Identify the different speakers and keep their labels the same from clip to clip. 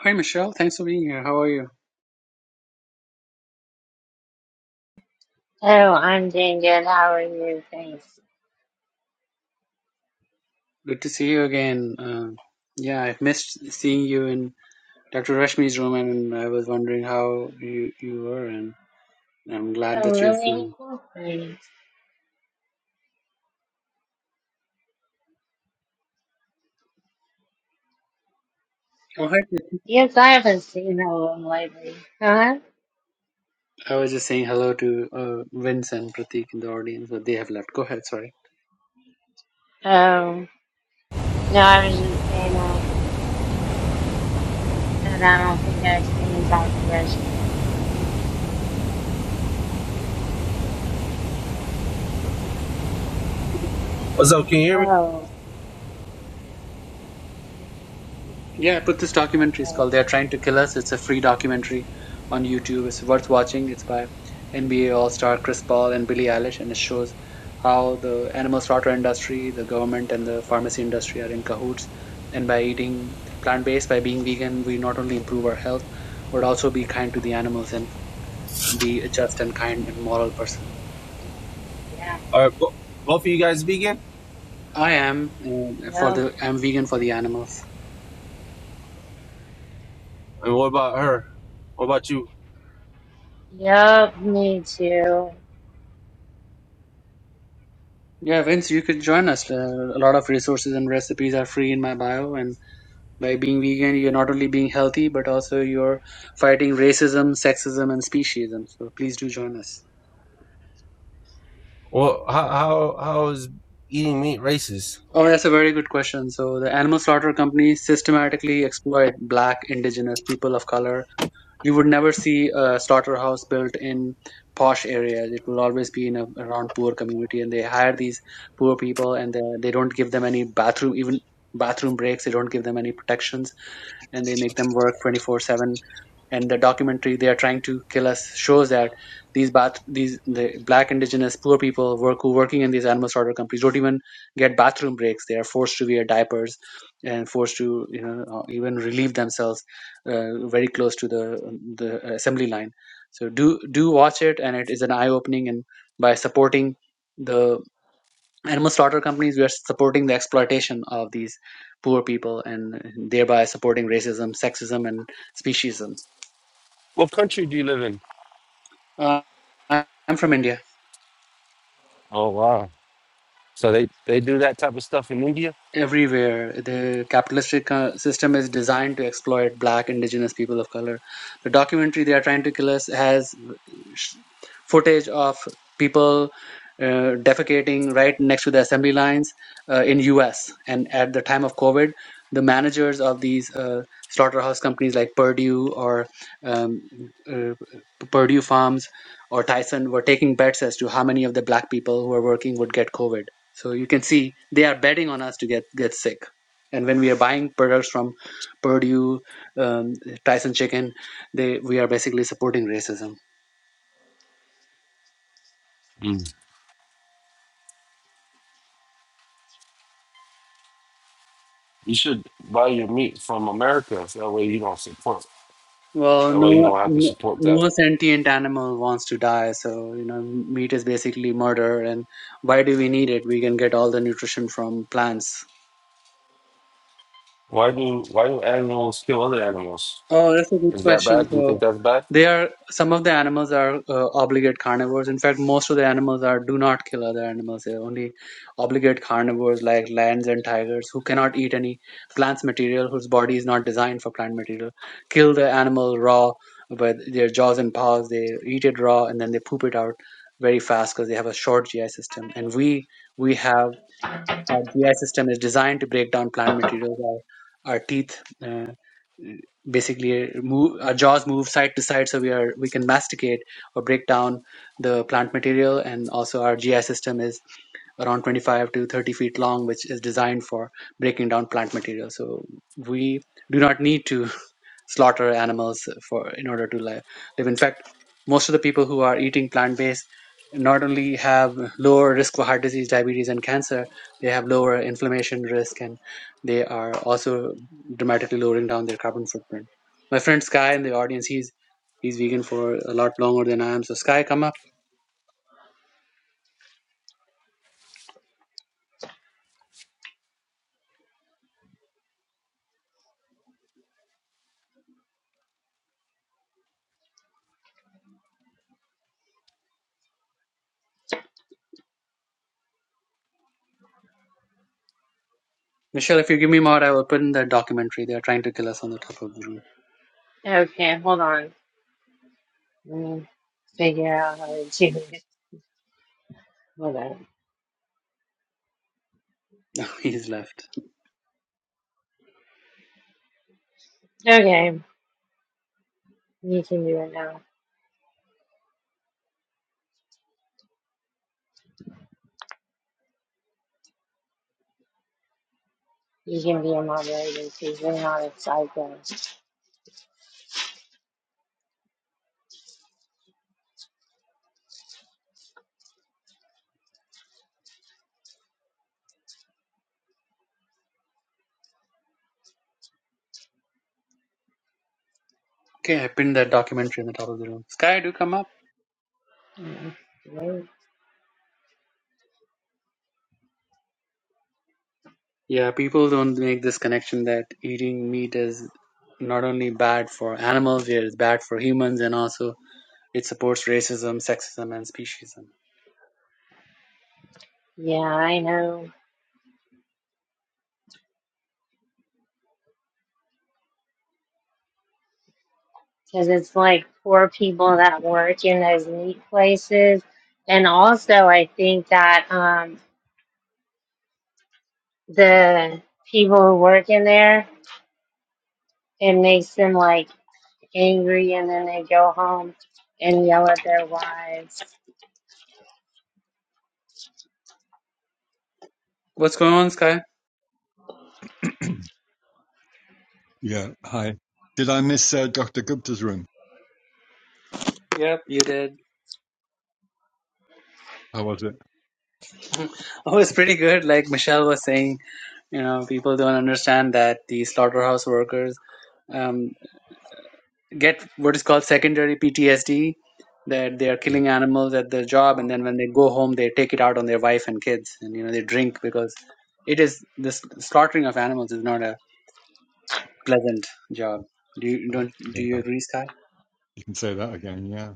Speaker 1: Hi, Michelle. Thanks for being here. How are you?
Speaker 2: Hello, I'm doing good. How are you? Thanks.
Speaker 1: Good to see you again. Uh, yeah, I've missed seeing you in Dr. Rashmi's room, and I was wondering how you you were, and I'm glad
Speaker 2: So
Speaker 1: that you're
Speaker 2: really
Speaker 1: seeing.
Speaker 2: cool things.
Speaker 1: Oh, hi. Prit-
Speaker 2: Yes, I haven't seen that one lately. Huh?
Speaker 1: I was just saying hello to uh, Vince and Pratik in the audience, but they have left. Go ahead. Sorry.
Speaker 2: Um, no, I was just saying um, that I don't think I've seen Dr. Rush.
Speaker 3: What's up? Can you hear me?
Speaker 2: Oh,
Speaker 1: Yeah, I put this
Speaker 2: oh,
Speaker 1: documentary. It's
Speaker 2: oh,
Speaker 1: called "They're Trying to Kill Us." It's a free documentary on YouTube. It's worth watching. It's by NBA All-Star Chris Paul and Billie Eilish, and it shows how the animal slaughter industry, the government, and the pharmacy industry are in cahoots. And by eating plant-based, by being vegan, we not only improve our health, but also be kind to the animals and be a just and kind and moral person.
Speaker 2: yeah.
Speaker 3: Are both of you guys vegan?
Speaker 1: I am uh, for
Speaker 2: Yup.
Speaker 1: the I'm vegan for the animals.
Speaker 3: And what about her? What about you?
Speaker 2: Yup. me too.
Speaker 1: Yeah, Vince, you could join us. Uh, a lot of resources and recipes are free in my bio, and By being vegan, you're not only being healthy, but also you're fighting racism, sexism, and speciesism. So please do join us.
Speaker 3: Well, how how, how is eating meat racist?
Speaker 1: Oh,
Speaker 2: Yeah.
Speaker 1: that's a very good question. So the animal slaughter companies systematically exploit black, indigenous, people of color. You would never see a slaughterhouse built in posh areas. It will always be in a, around poor community, and they hire these poor people, and they, they don't give them any bathroom, even bathroom breaks. They don't give them any protections and they make them work 24 7 and the documentary they are trying to kill us shows that these bath these the black indigenous poor people work who working in these animal slaughter companies don't even get bathroom breaks they are forced to wear diapers and forced to you know uh, even relieve themselves uh, very close to the the assembly line so do do watch it and it is an eye opening and by supporting the animal slaughter companies We are supporting the exploitation of these poor people and thereby supporting racism sexism and speciesism
Speaker 3: What country do you live in?
Speaker 1: uh, I- am from india
Speaker 3: Oh wow! So they they do that type of stuff in India.
Speaker 1: everywhere the capitalistic uh, system is designed to exploit black indigenous people of color the documentary they are trying to kill us has footage of people uh, defecating right next to the assembly lines uh, in US and at the time of COVID the managers of these uh, slaughterhouse companies like Purdue or um, uh, Purdue Farms or Tyson were taking bets as to how many of the black people who are working would get COVID so you can see they are betting on us to get get sick and when we are buying products from Purdue um, Tyson chicken they we are basically supporting racism
Speaker 3: Mm. You should buy your meat from America. So that way you don't support.
Speaker 1: Well,
Speaker 3: That way you
Speaker 1: no,
Speaker 3: don't have to
Speaker 1: no
Speaker 3: support that.
Speaker 1: no sentient animal wants to die, so you know, meat is basically murder. And why do we need it? We can get all the nutrition from plants.
Speaker 3: Why do why do animals kill other animals?
Speaker 1: Oh, that's a good
Speaker 3: Is that
Speaker 1: question.
Speaker 3: bad? Do you
Speaker 1: So,
Speaker 3: think that's bad?
Speaker 1: they are some of the animals are uh, obligate carnivores. In fact, most of the animals are do not kill other animals. They're only obligate carnivores like lions and tigers who cannot eat any plants material, whose body is not designed for plant material. Kill the animal raw with their jaws and paws. They eat it raw and then they poop it out very fast because they have a short GI system. And we we have our GI system is designed to break down plant materials. Our, our teeth. uh, basically move our jaws move side to side so we are we can masticate or break down the plant material and also our gi system is around 25 to 30 feet long which is designed for breaking down plant material so we do not need to slaughter animals for in order to li- live. In fact, most of the people who are eating plant based not only have lower risk for heart disease, diabetes, and cancer, they have lower inflammation risk, and they are also dramatically lowering down their carbon footprint. My friend Sky in the audience, he's he's vegan for a lot longer than I am. So Sky, come up. Michelle, if you give me more, I will put in that documentary. They are trying to kill us on the top of the room.
Speaker 2: Okay, hold on. Let me figure out how to do this. Hold on.
Speaker 1: he's left.
Speaker 2: Okay, you can do it now. You can be a moderator because you're not a psycho.
Speaker 1: Okay, I pinned that documentary on the top of the room. Sky, do come up.
Speaker 2: Mm,
Speaker 1: Yeah, people don't make this connection that eating meat is not only bad for animals, yet it's bad for humans, and also it supports racism, sexism, and speciesism.
Speaker 2: Yeah, I know. Because it's like poor people that work in those meat places. And also, I think that um, the people who work in there, it makes them like angry and then they go home and yell at their wives.
Speaker 1: What's going on, Sky?
Speaker 4: Yeah. Hi. Did I miss uh, Dr. Gupta's room?
Speaker 1: Yep, you did.
Speaker 4: How was it?
Speaker 1: oh, it's pretty good. Like Michelle was saying, you know, people don't understand that the slaughterhouse workers um, get what is called secondary PTSD that they are
Speaker 4: Yeah.
Speaker 1: killing animals at their job and
Speaker 2: Um,
Speaker 1: then when they go home they take it out on their wife and kids and you know they drink because it is this slaughtering of animals is not a pleasant job do you don't
Speaker 4: Yeah.
Speaker 1: do you agree sky
Speaker 4: You can say that again. Yeah.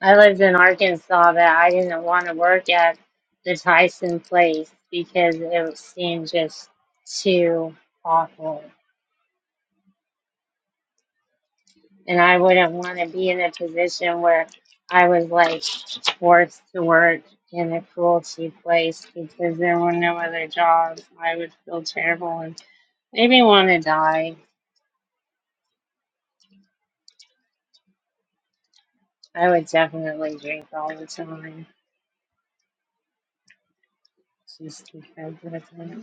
Speaker 2: I lived in Arkansas, but I didn't want to work at the Tyson place because it seemed just too awful. and I wouldn't want to be in a position where I was like forced to work in a cruelty place because there were no other jobs. I would feel terrible and maybe want to die. I would definitely drink all the time just because of that.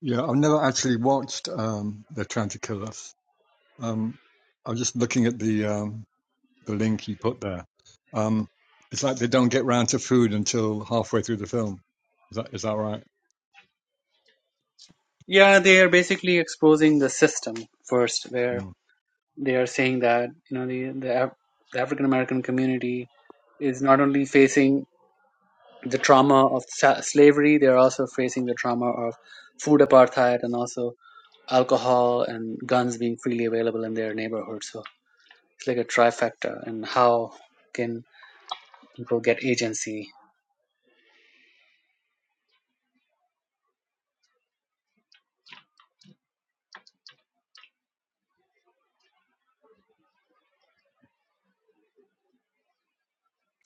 Speaker 4: Yeah. I've never actually watched um, They're Trying to Kill Us. Um, I was just looking at the um, the link you put there. Um, it's like they don't get round to food until halfway through the film. Is that is that right?
Speaker 1: yeah they are basically exposing the system first where
Speaker 4: Hmm.
Speaker 1: they are saying that you know the the, Af- the African American community is not only facing the trauma of sa- slavery, they are also facing the trauma of food apartheid and also alcohol and guns being freely available in their neighborhood. So it's like a trifecta. And how can people get agency?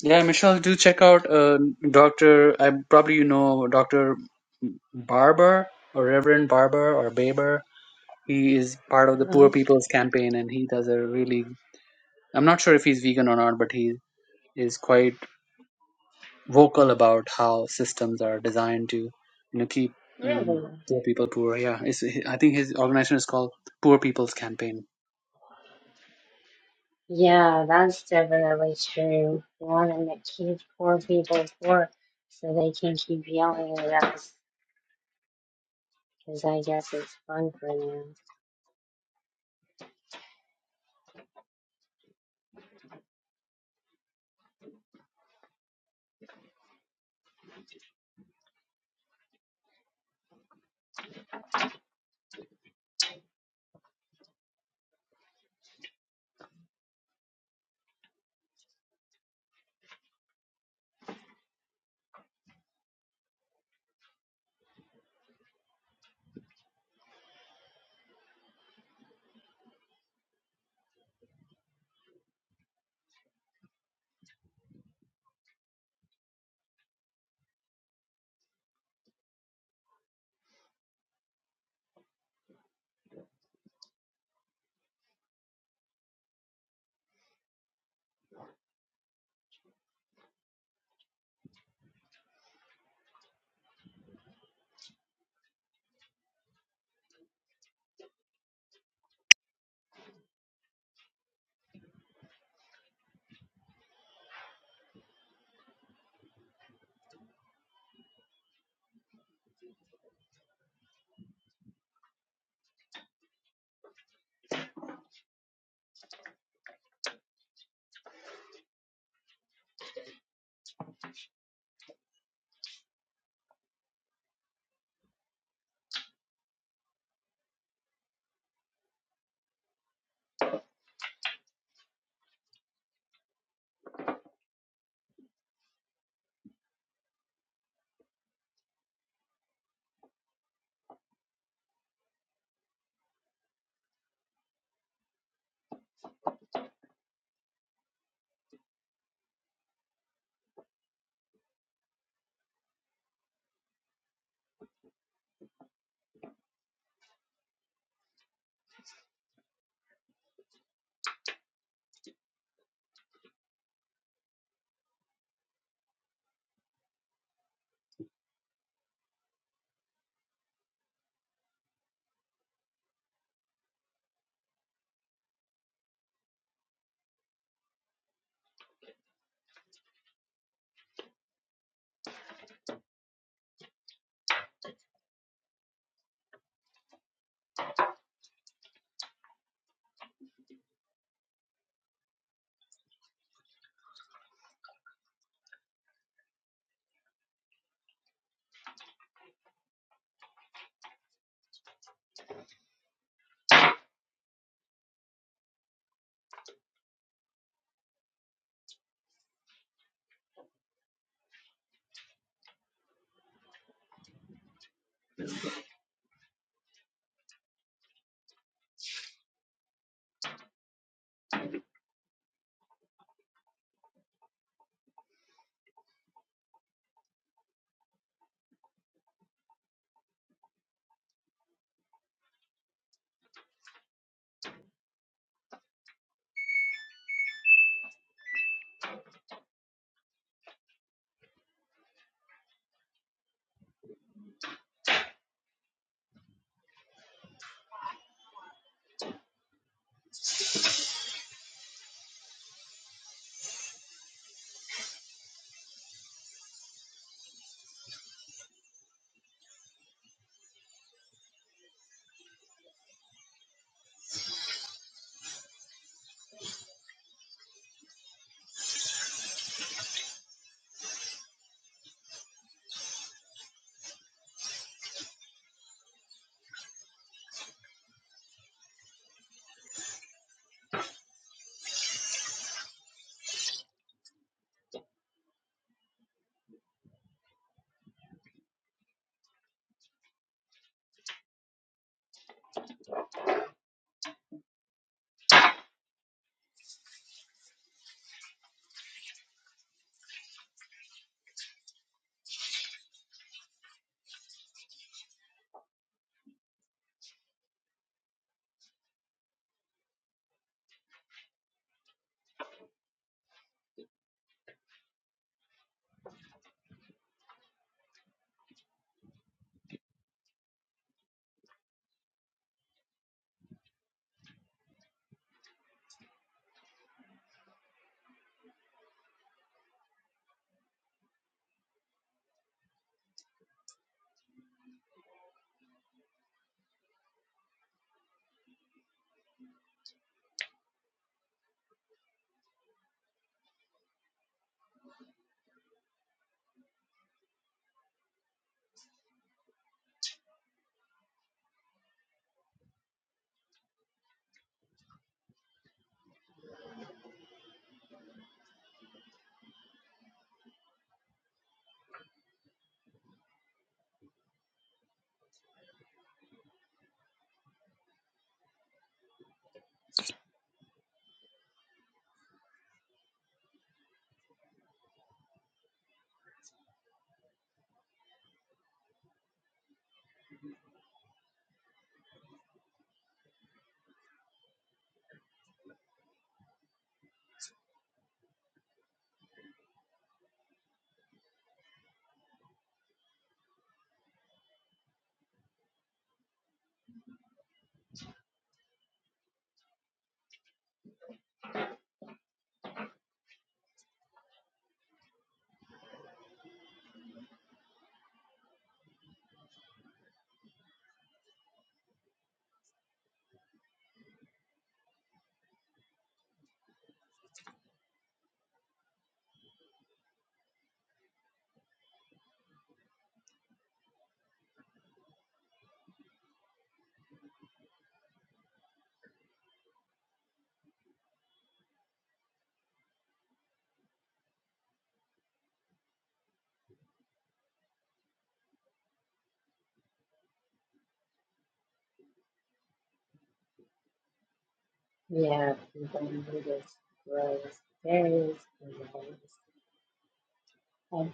Speaker 1: Yeah, Michelle, do check out uh, Doctor. I probably you know Doctor Barber or Reverend Barber or Baber He is part of the
Speaker 2: Uh-huh.
Speaker 1: Poor People's Campaign, and he does a really. I'm not sure if he's vegan or not, but he is quite vocal about how systems are designed to, you know, keep um,
Speaker 2: Really?
Speaker 1: poor people poor. Yeah, it's, I think his organization is called Poor People's Campaign.
Speaker 2: Yeah, that's definitely true. Wanting to keep poor people poor so they can keep yelling at us because I guess it's fun for them. Yeah, everything with his grace. There is grace. And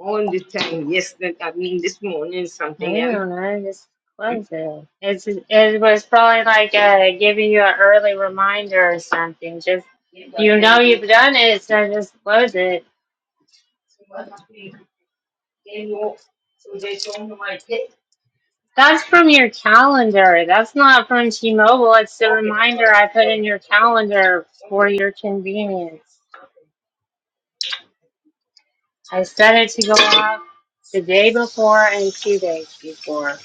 Speaker 2: All the time, yes, that I mean this morning I something I else. don't know, it's crazy. It's it was probably like uh, giving you an early reminder or something. Just you know you've done it, so just close it. That's from your calendar. That's not from T-Mobile. It's the reminder I put in your calendar for your convenience. I set it to go off the day before and two days before.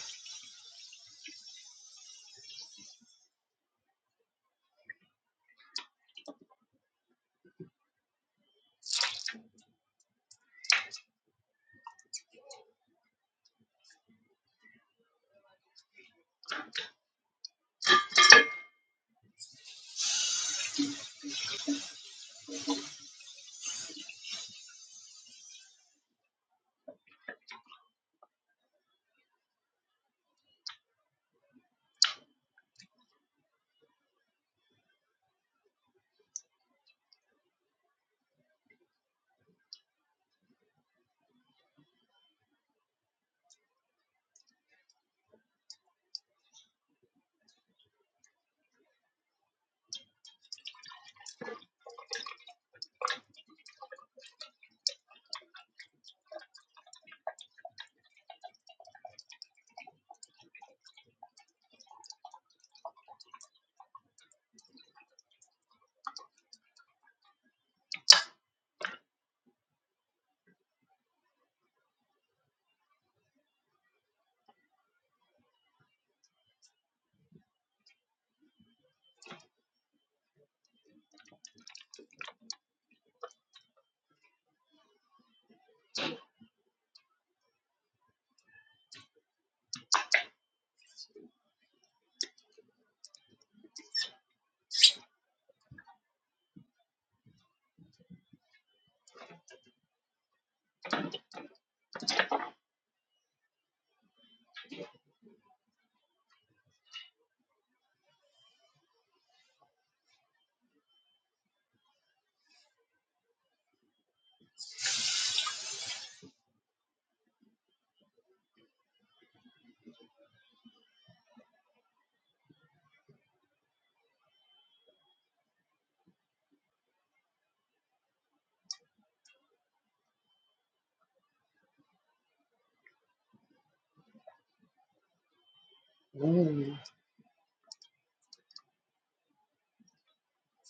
Speaker 2: Mm,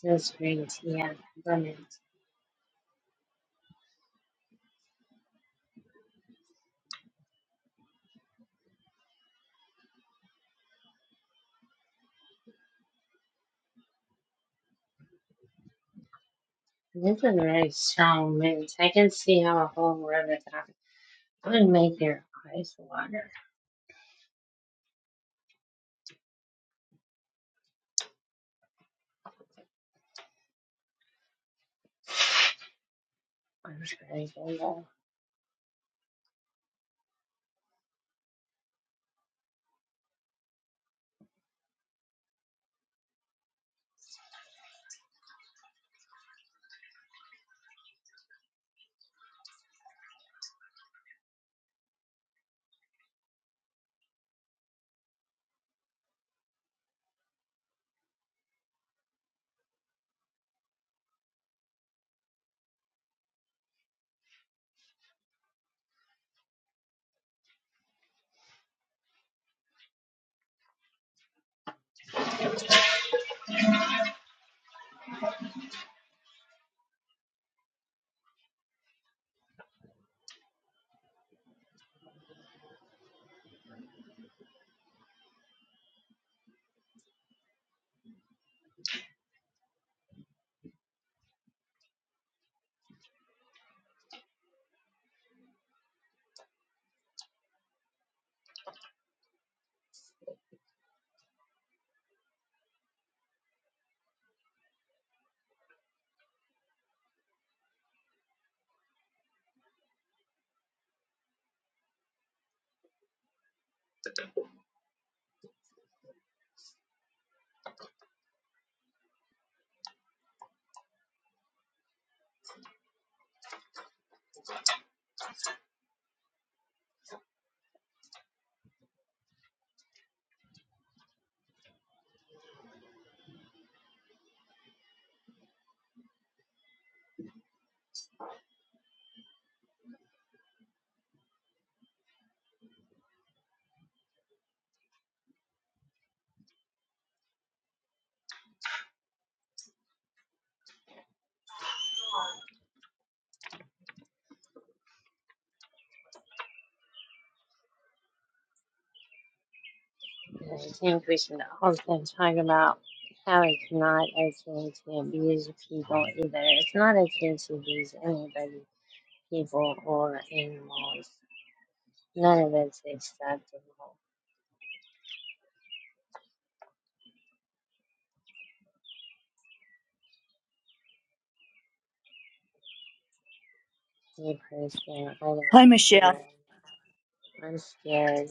Speaker 2: those drinks, yeah, lemons. These are very strong mints. I can see how a whole room is would make your eyes water. I'm just gonna go And I think we should also talk about how it's not okay to abuse people either. It's not okay to abuse anybody, people or animals. None of it's acceptable. Hey person, I don't know
Speaker 5: Hi, Michelle.
Speaker 2: you. I'm scared.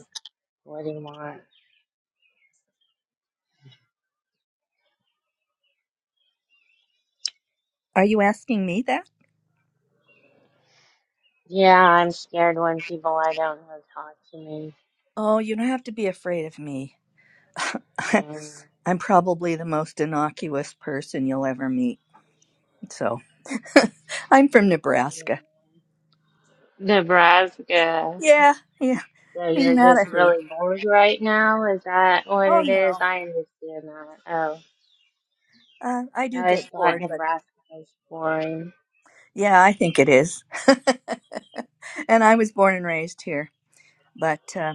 Speaker 2: What do you want?
Speaker 5: Are you asking me that?
Speaker 2: Yeah, I'm scared when people I don't know talk to me.
Speaker 5: Oh, you don't have to be afraid of me.
Speaker 2: Um,
Speaker 5: I'm probably the most innocuous person you'll ever meet. So, I'm from Nebraska.
Speaker 2: Nebraska.
Speaker 5: Yeah, yeah.
Speaker 2: So
Speaker 5: Isn't
Speaker 2: you're
Speaker 5: that
Speaker 2: just
Speaker 5: a hoot?
Speaker 2: really bored right now? Is that what
Speaker 5: Oh,
Speaker 2: it is?
Speaker 5: no.
Speaker 2: I understand that. Oh.
Speaker 5: Uh, I
Speaker 2: I
Speaker 5: do
Speaker 2: always
Speaker 5: get
Speaker 2: thought
Speaker 5: bored, but
Speaker 2: Nebraska was boring.
Speaker 5: yeah, I think it is. and I was born and raised here, but uh,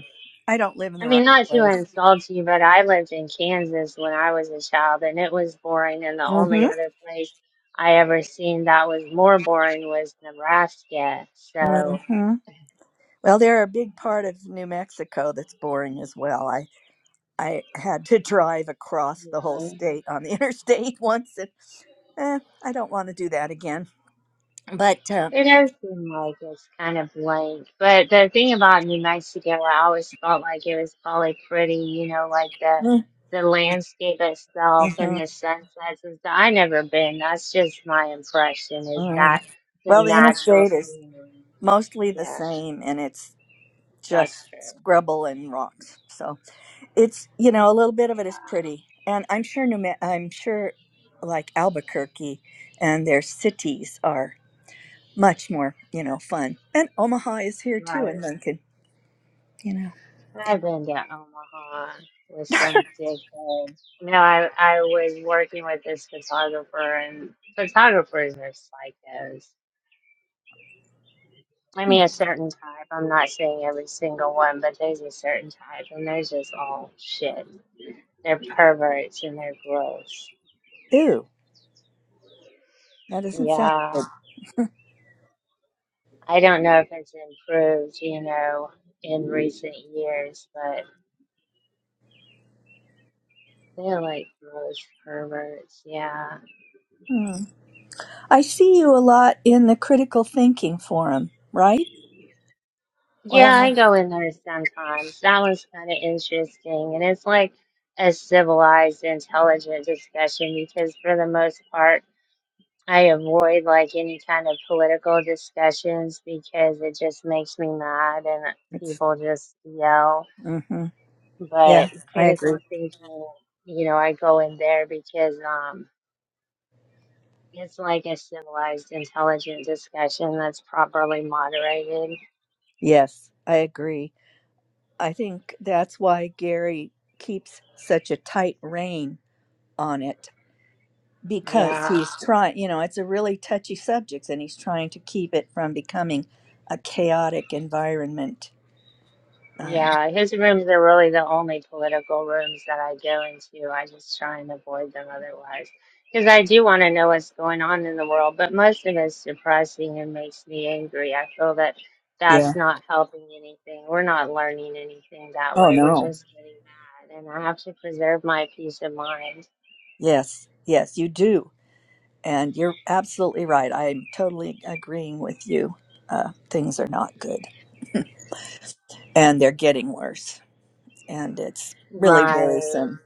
Speaker 5: I don't live in
Speaker 2: I
Speaker 5: the right
Speaker 2: mean, not to
Speaker 5: place.
Speaker 2: insult you, but I lived in Kansas when I was a child, and it was boring. And the only
Speaker 5: Mm-hmm.
Speaker 2: other place I ever seen that was more boring was Nebraska. So,
Speaker 5: Mm-hmm. Well, they're a big part of New Mexico that's boring as well. I had to drive across
Speaker 2: you
Speaker 5: the whole
Speaker 2: know,
Speaker 5: state on the interstate once, and eh, I don't want to do that again. But uh,
Speaker 2: It does seem like it's kind of blank. But the thing about New Mexico, I always felt like it was probably pretty, you know, like the
Speaker 5: mm,
Speaker 2: the landscape itself and
Speaker 5: mhm,
Speaker 2: the sunsets and stuff. I never been. That's just my impression is
Speaker 5: mm.
Speaker 2: that
Speaker 5: well,
Speaker 2: the
Speaker 5: the
Speaker 2: natural
Speaker 5: interstate is
Speaker 2: scenery. Like,
Speaker 5: mostly the
Speaker 2: yeah,
Speaker 5: same, and it's
Speaker 2: that's
Speaker 5: just
Speaker 2: true.
Speaker 5: scrubble and rocks. So it's you know a little bit of it is pretty, and I'm sure New Me- I'm sure like Albuquerque and their cities are much more you know fun, and Omaha is here too,
Speaker 2: Right.
Speaker 5: and Lincoln, you know.
Speaker 2: I've been to Omaha with some dickhead. No, I I was working with this photographer and photographers are psychos I mean, a
Speaker 5: Hmm.
Speaker 2: certain type. I'm not saying every single one, but there's a certain type, and they're just all shit. They're perverts and they're gross.
Speaker 5: Ew, that doesn't sound good.
Speaker 2: Yeah, I don't know if it's improved, you know, in recent years, but they're like gross perverts. Yeah,
Speaker 5: Hmm. I see you a lot in the critical thinking forum, right? Or
Speaker 2: yeah,
Speaker 5: am I?
Speaker 2: I go in there sometimes. That was kind of interesting, and it's like a civilized, intelligent discussion because for the most part I avoid like any kind of political discussions because it just makes me mad and
Speaker 5: It's,
Speaker 2: people just yell.
Speaker 5: hmm
Speaker 2: But
Speaker 5: Yeah, I
Speaker 2: critical
Speaker 5: agree.
Speaker 2: thinking, you know, I go in there because um it's like a civilized, intelligent discussion that's properly moderated.
Speaker 5: Yes, I agree. I think that's why Gary keeps such a tight rein on it because
Speaker 2: Yeah.
Speaker 5: he's trying, you know, it's a really touchy subject and he's trying to keep it from becoming a chaotic environment. Uh,
Speaker 2: Yeah, his rooms are really the only political rooms that I go into. I just try and avoid them otherwise. Because I do want to know what's going on in the world, but most of it's depressing and makes me angry. I feel that
Speaker 5: yeah.
Speaker 2: that's not helping anything. We're not learning anything that
Speaker 5: Oh,
Speaker 2: way. We're
Speaker 5: no.
Speaker 2: just getting mad, and I have to preserve my peace of mind.
Speaker 5: Yes, yes, you do. And you're absolutely right. I'm totally agreeing with you. Uh, things are not good and they're getting worse. And it's really
Speaker 2: Right.
Speaker 5: worrisome.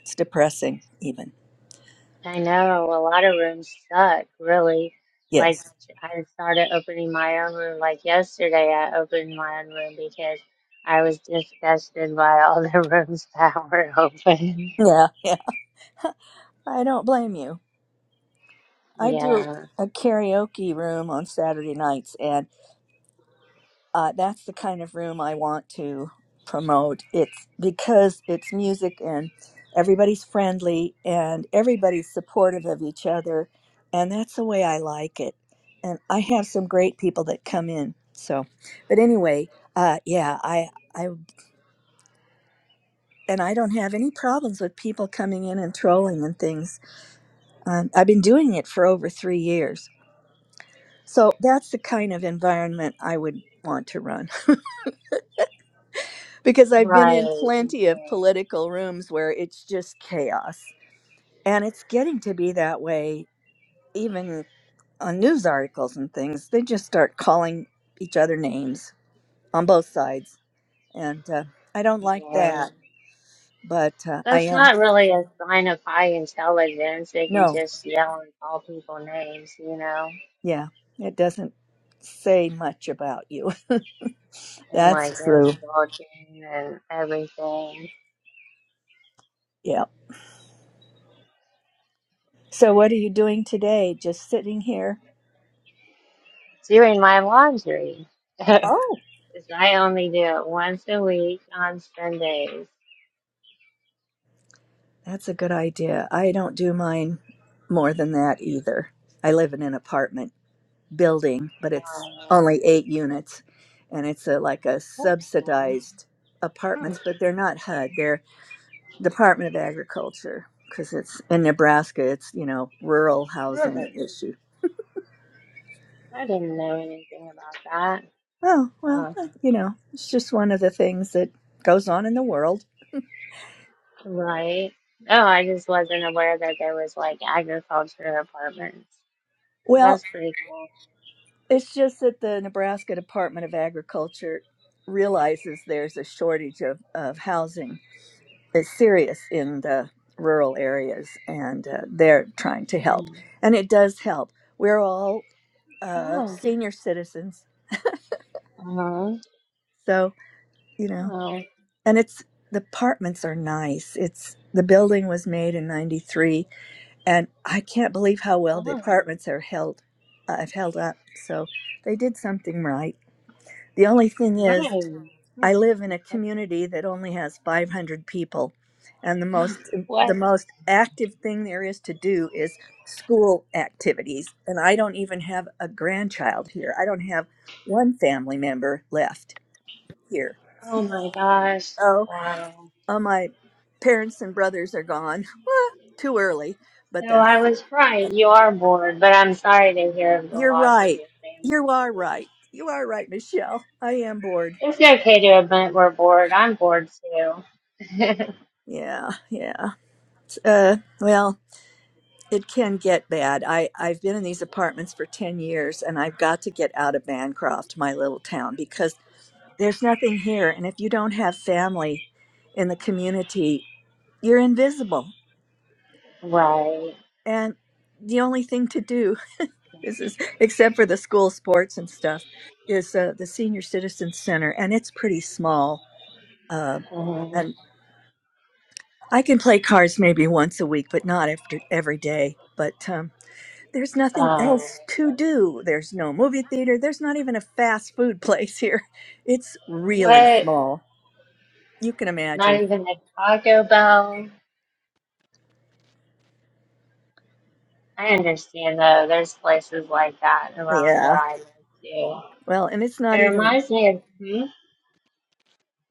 Speaker 5: It's depressing, even.
Speaker 2: I know a lot of rooms suck, really. Like,
Speaker 5: Yes.
Speaker 2: I started opening my own room. Like, yesterday, I opened my own room because I was disgusted by all the rooms that were open.
Speaker 5: Yeah. Yeah. I don't blame you. I do
Speaker 2: Yeah,
Speaker 5: a karaoke room on Saturday nights, and uh, that's the kind of room I want to promote. It's because it's music and everybody's friendly and everybody's supportive of each other. And that's the way I like it. And I have some great people that come in. So, but anyway, uh, yeah, I, I, and I don't have any problems with people coming in and trolling and things. Um, I've been doing it for over three years. So that's the kind of environment I would want to run. because I've been
Speaker 2: right.
Speaker 5: in plenty of
Speaker 2: mhm,
Speaker 5: political rooms where it's just chaos. And it's getting to be that way, even on news articles and things. They just start calling each other names on both sides. And uh, I don't like
Speaker 2: Yeah.
Speaker 5: that, but uh, I
Speaker 2: That's
Speaker 5: am.
Speaker 2: not really a sign of high intelligence if you
Speaker 5: No,
Speaker 2: just yell and call people names, you know,
Speaker 5: yeah, it doesn't say much about you.
Speaker 2: and like
Speaker 5: That's true.
Speaker 2: insulting and everything.
Speaker 5: Yeah. So, what are you doing today? Just sitting here?
Speaker 2: Doing my laundry.
Speaker 5: Oh.
Speaker 2: 'Cause I only do it once a week on Sundays.
Speaker 5: That's a good idea. I don't do mine more than that either. I live in an apartment building, but it's
Speaker 2: Uh,
Speaker 5: only eight units, and it's a, like a
Speaker 2: that's nice.
Speaker 5: subsidized
Speaker 2: Hmm,
Speaker 5: apartments, but they're not HUD. They're Department of Agriculture because it's in Nebraska. It's you know rural housing
Speaker 2: survey.
Speaker 5: issue.
Speaker 2: I didn't know anything about that.
Speaker 5: Oh well,
Speaker 2: Huh.
Speaker 5: you know, it's just one of the things that goes on in the world.
Speaker 2: Right. Oh, I just wasn't aware that there was like agriculture apartments. So
Speaker 5: Well,
Speaker 2: that's pretty cool.
Speaker 5: It's just that the Nebraska Department of Agriculture realizes there's a shortage of, of housing It's serious in the rural areas, and uh, they're trying to help.
Speaker 2: Hmm.
Speaker 5: And it does help. We're all uh,
Speaker 2: Oh,
Speaker 5: senior citizens,
Speaker 2: uh-huh.
Speaker 5: so, you know,
Speaker 2: oh,
Speaker 5: and it's the apartments are nice. It's the building was made in 93, and I can't believe how well the
Speaker 2: oh,
Speaker 5: apartments are held. I've held up, so they did something right. The only thing is,
Speaker 2: right. Hmm.
Speaker 5: I live in a
Speaker 2: okay.
Speaker 5: community that only has 500 people, and the most the
Speaker 2: What?
Speaker 5: most active thing there is to do is school activities. And I don't even have a grandchild here. I don't have one family member left here.
Speaker 2: Oh my gosh.
Speaker 5: Oh,
Speaker 2: Wow.
Speaker 5: oh my parents and brothers are gone. Wah, Too early, but
Speaker 2: So
Speaker 5: that's
Speaker 2: I was right. You are bored, but I'm sorry to hear of the
Speaker 5: you're
Speaker 2: loss of
Speaker 5: right.
Speaker 2: your family
Speaker 5: You are
Speaker 2: members.
Speaker 5: right. You are right, Michelle. I am bored.
Speaker 2: It's okay to admit we're bored. I'm bored too.
Speaker 5: Yeah, yeah. Uh, well. It can get bad. I, I've been in these apartments for 10 years and I've got to get out of Bancroft, my little town, because there's nothing here. And if you don't have family in the community, you're invisible.
Speaker 2: right.
Speaker 5: And the only thing to do is, is except for the school sports and stuff, is uh, the Senior Citizen Center. And it's pretty small. Uh,
Speaker 2: Mhm.
Speaker 5: and I can play cards maybe once a week, but not after every day. But um, there's nothing
Speaker 2: Um,
Speaker 5: else to do. There's no movie theater. There's not even a fast food place here. It's really
Speaker 2: what?
Speaker 5: small. You can
Speaker 2: Not
Speaker 5: imagine.
Speaker 2: even a Taco Bell? I understand though. There's places like that around where
Speaker 5: Yeah.
Speaker 2: I live too.
Speaker 5: Well, and it's
Speaker 2: It
Speaker 5: not even
Speaker 2: reminds me of. Hmm?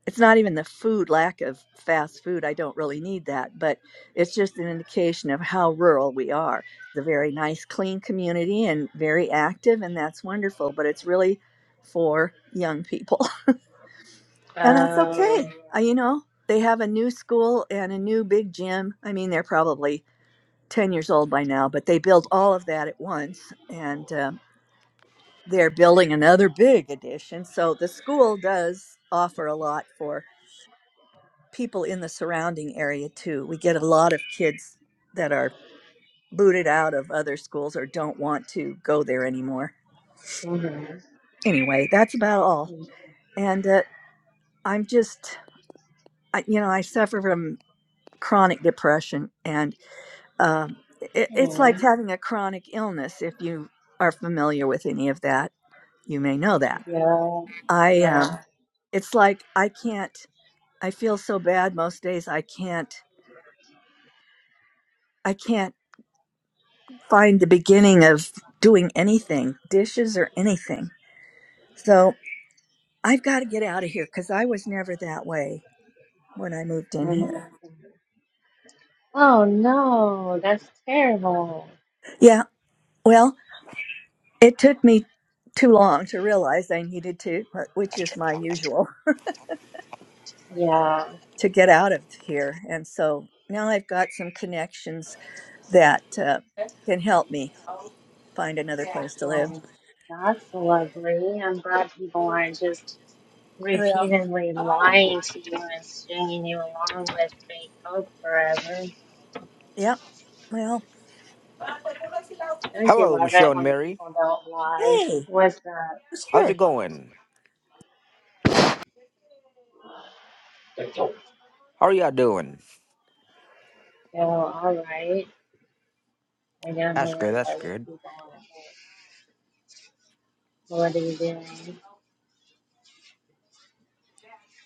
Speaker 5: it's not even the food lack of fast food. I don't really need that, but it's just an indication of how rural we are. It's a very nice, clean community and very active, and that's wonderful, but it's really for young people. And that's okay.
Speaker 2: Oh.
Speaker 5: Uh, you know, they have a new school and a new big gym. I mean, they're probably 10 years old by now, but they built all of that at once. And um, they're building another big addition. So the school does offer a lot for people in the surrounding area, too. We get a lot of kids that are booted out of other schools or don't want to go there anymore.
Speaker 2: Yeah.
Speaker 5: Anyway, that's about all.
Speaker 2: hmm
Speaker 5: And uh, I'm just, I, you know, I suffer from chronic depression, and um, it, it's
Speaker 2: Yeah.
Speaker 5: like having a chronic illness if you are familiar with any of that You may know that.
Speaker 2: Yeah.
Speaker 5: I um
Speaker 2: Yeah.
Speaker 5: it's like I can't I feel so bad most days I can't I can't find the beginning of doing anything, dishes or anything. So I've got to get out of here cuz I was never that way when I moved in here.
Speaker 2: Mm-hmm. Oh no, that's terrible.
Speaker 5: Yeah. Well, it took me too long to realize I needed to, wh- which is my usual
Speaker 2: Yeah,
Speaker 5: to get out of here. And so now I've got some connections that uh, can help me find another place to live.
Speaker 2: well, that's lovely. I'm glad people aren't just
Speaker 5: Well,
Speaker 2: repeatedly lying to you and stringing you along with fake hope forever.
Speaker 5: yeah. Well,
Speaker 2: Don't you
Speaker 6: Hello,
Speaker 2: love
Speaker 6: Michelle
Speaker 2: it
Speaker 6: and
Speaker 2: when
Speaker 6: Mary.
Speaker 2: people don't lie?
Speaker 5: hey,
Speaker 2: What's that?
Speaker 5: who's
Speaker 6: How's
Speaker 5: here?
Speaker 6: it going? How are y'all doing?
Speaker 2: Oh, all right. I don't know
Speaker 6: That's
Speaker 2: where
Speaker 6: good.
Speaker 2: the
Speaker 6: That's
Speaker 2: other
Speaker 6: good.
Speaker 2: people are. but What are you doing?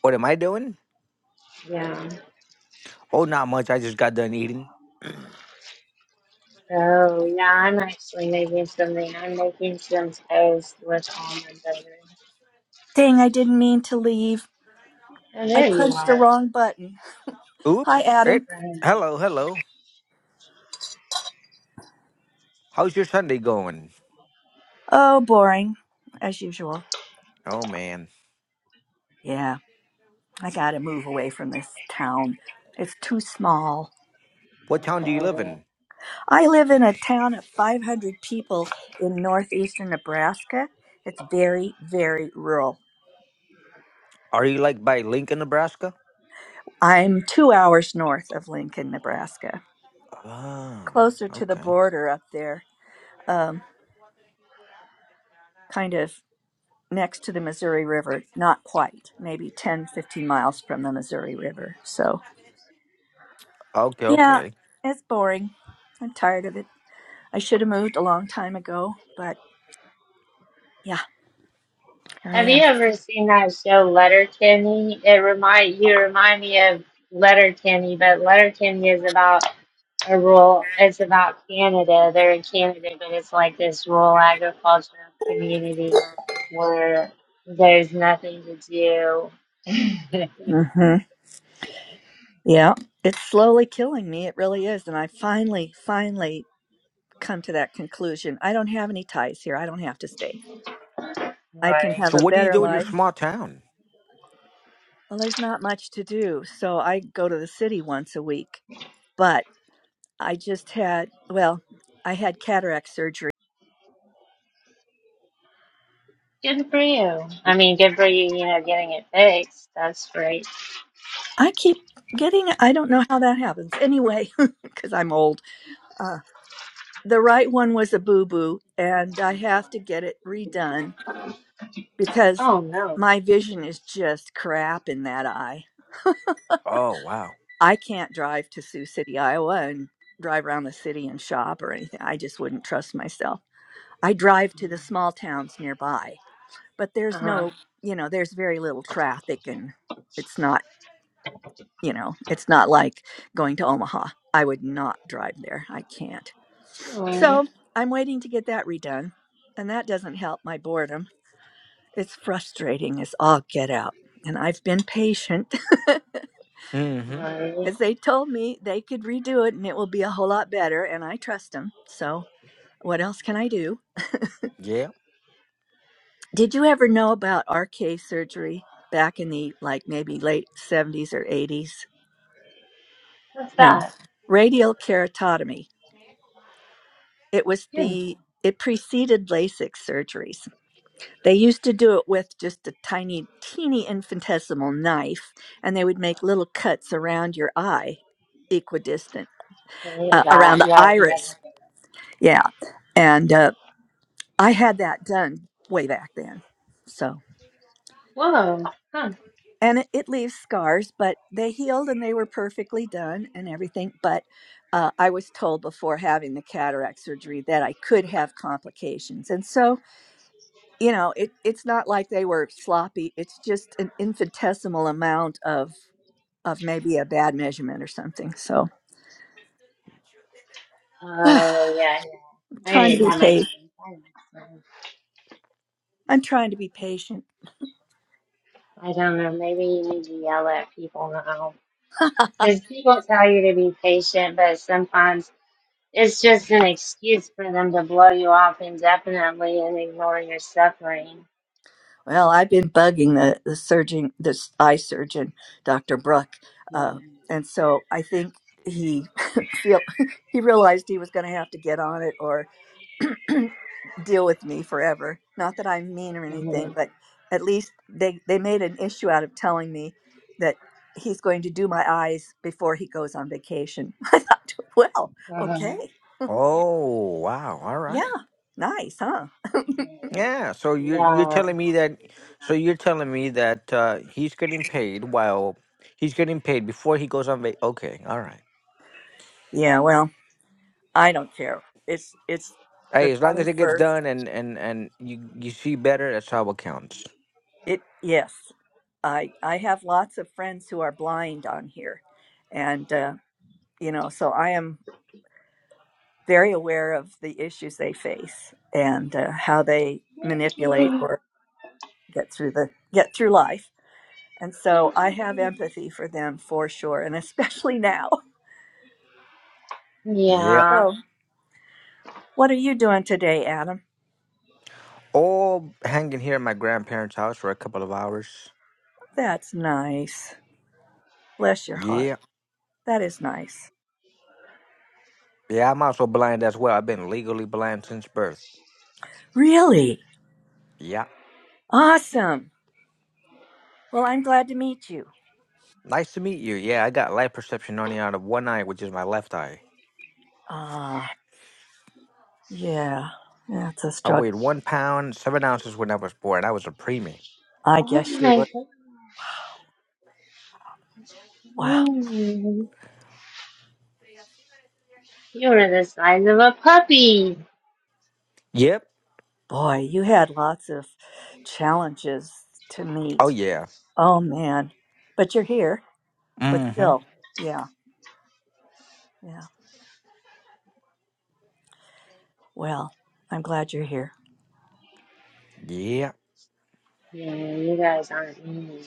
Speaker 6: What am I doing?
Speaker 2: Yeah.
Speaker 6: Oh, not much. I just got done eating.
Speaker 2: Oh, yeah, I'm actually making something. I'm making some toast with almond butter.
Speaker 5: Dang, I didn't mean to leave.
Speaker 2: Oh,
Speaker 5: I
Speaker 2: there you
Speaker 5: punched the
Speaker 2: are.
Speaker 5: wrong button. Hi,
Speaker 6: Oops. It.
Speaker 5: Adam.
Speaker 2: Right.
Speaker 6: Hello, hello. How's your Sunday going?
Speaker 5: Oh, boring, as usual.
Speaker 6: Oh man.
Speaker 5: Yeah, I gotta move away from this town. It's too small.
Speaker 6: What town do you live in?
Speaker 5: I live in a town of 500 people in northeastern Nebraska. It's very, very rural.
Speaker 6: Are you like by Lincoln, Nebraska?
Speaker 5: I'm two hours north of Lincoln, Nebraska,
Speaker 6: Ah,
Speaker 5: closer to the
Speaker 6: okay.
Speaker 5: border up there. Um, kind of next to the Missouri River, not quite, maybe 10, 15 miles from the Missouri River. So,
Speaker 6: Okay,
Speaker 5: yeah,
Speaker 6: okay.
Speaker 5: it's boring. I'm tired of it. I should have moved a long time ago, but yeah, here I
Speaker 2: Have you
Speaker 5: am.
Speaker 2: ever seen that show Letterkenny? It remind you remind me of Letterkenny, but Letterkenny is about a rural. It's about Canada. They're in Canada, but it's like this rural agricultural community where there's nothing to do.
Speaker 5: hmm Yeah, it's slowly killing me. It really is. And I finally, finally come to that conclusion. I don't have any ties here. I don't have to stay. I can
Speaker 2: Right.
Speaker 5: have
Speaker 6: So
Speaker 5: a
Speaker 6: what do you
Speaker 5: better
Speaker 6: do in your
Speaker 5: life.
Speaker 6: small town?
Speaker 5: Well, there's not much to do. So I go to the city once a week, but I just had, well, I had cataract surgery.
Speaker 2: Good for you. I mean, good for you. You know, getting it fixed. That's great.
Speaker 5: I keep getting, I don't know how that happens. Anyway, because I'm old. Uh, the right one was a boo boo, and I have to get it redone because
Speaker 2: Oh no.
Speaker 5: my vision is just crap in that eye.
Speaker 6: Oh wow.
Speaker 5: I can't drive to Sioux City, Iowa, and drive around the city and shop or anything. I just wouldn't trust myself. I drive to the small towns nearby, but
Speaker 2: Uh
Speaker 5: there's
Speaker 2: huh.
Speaker 5: no, you know, there's very little traffic and it's not You know, it's not like going to Omaha. I would not drive there. I can't. So I'm waiting to get that redone. And that doesn't help my boredom. It's frustrating as all get out. And I've been patient
Speaker 6: Mm-hmm.
Speaker 2: Right.
Speaker 5: as they told me they could redo it and it will be a whole lot better. And I trust them. So what else can I do?
Speaker 6: Yeah.
Speaker 5: Did you ever know about RK surgery back in the like maybe late 70s or 80s?
Speaker 2: What's
Speaker 5: No.
Speaker 2: that?
Speaker 5: Radial keratotomy. It was
Speaker 2: Yeah.
Speaker 5: the it preceded LASIK surgeries. They used to do it with just a tiny, teeny infinitesimal knife, and they would make little cuts around your eye, equidistant,
Speaker 2: Okay, I
Speaker 5: uh, around the
Speaker 2: yeah, I think I
Speaker 5: iris.
Speaker 2: got it.
Speaker 5: Yeah. And uh, I had that done way back then. So,
Speaker 2: Whoa, huh.
Speaker 5: and it, it leaves scars, but they healed and they were perfectly done and everything. But uh, I was told before having the cataract surgery that I could have complications. And so you know it, it's not like they were sloppy it's just an infinitesimal amount of of maybe a bad measurement or something so i'm
Speaker 2: Oh, yeah, yeah.
Speaker 5: trying to
Speaker 2: Maybe
Speaker 5: be
Speaker 2: that makes
Speaker 5: patient
Speaker 2: change. I don't know.
Speaker 5: i'm trying to be patient
Speaker 2: I don't know. Maybe you need to yell at people now. Because people tell you to be patient, but sometimes it's just an excuse for them to blow you off indefinitely and ignore your suffering.
Speaker 5: well i've been bugging the the surgeon this eye surgeon dr bruck
Speaker 2: Yeah.
Speaker 5: uh, and so i think he feel he realized he was going to have to get on it or deal with me forever. Not that I'm mean or anything,
Speaker 2: Mhm.
Speaker 5: but at least they they made an issue out of telling me that he's going to do my eyes before he goes on vacation. I thought, well, okay,
Speaker 2: Mhm.
Speaker 6: Oh wow. All right.
Speaker 5: yeah, nice, huh?
Speaker 6: Yeah, so you are you're
Speaker 2: Yeah.
Speaker 6: telling me that so you're telling me that uh he's getting paid while he's getting paid before he goes on vac okay, all right.
Speaker 5: Yeah, well, I don't care. It's it's the
Speaker 6: Hey, as long
Speaker 5: twenty
Speaker 6: as it gets
Speaker 5: first.
Speaker 6: done and and and you you see better, that's how it counts.
Speaker 5: It yes, I I have lots of friends who are blind on here, and uh, you know, so I am. very aware of the issues they face and uh, how they manipulate or get through the get through life. And so I have empathy for them for sure, and especially now.
Speaker 6: Yeah.
Speaker 2: Yeah.
Speaker 5: So, what are you doing today, Adam?
Speaker 6: All hanging here at my grandparents' house for a couple of hours.
Speaker 5: That's nice. Bless your heart.
Speaker 6: Yeah.
Speaker 5: That is nice.
Speaker 6: Yeah, I'm also blind as well. I've been legally blind since birth.
Speaker 5: Really?
Speaker 6: Yeah.
Speaker 5: Awesome. Well, I'm glad to meet you.
Speaker 6: Nice to meet you. Yeah, I got light perception only out of one eye, which is my left eye.
Speaker 5: Ah, yeah. That's a
Speaker 6: I
Speaker 5: struggle.
Speaker 6: weighed one pound, seven ounces when I was born. I was a preemie.
Speaker 5: I
Speaker 2: Oh
Speaker 5: guess you
Speaker 2: my
Speaker 5: were. Wow.
Speaker 2: god. You're the size of a puppy.
Speaker 6: Yep.
Speaker 5: Boy, you had lots of challenges to meet
Speaker 6: Oh yeah.
Speaker 5: Oh man. But you're here, but
Speaker 6: Mm-hmm.
Speaker 5: still. Yeah. Yeah. Well, I'm glad you're here.
Speaker 6: Yeah.
Speaker 2: Yeah, you guys aren't mean.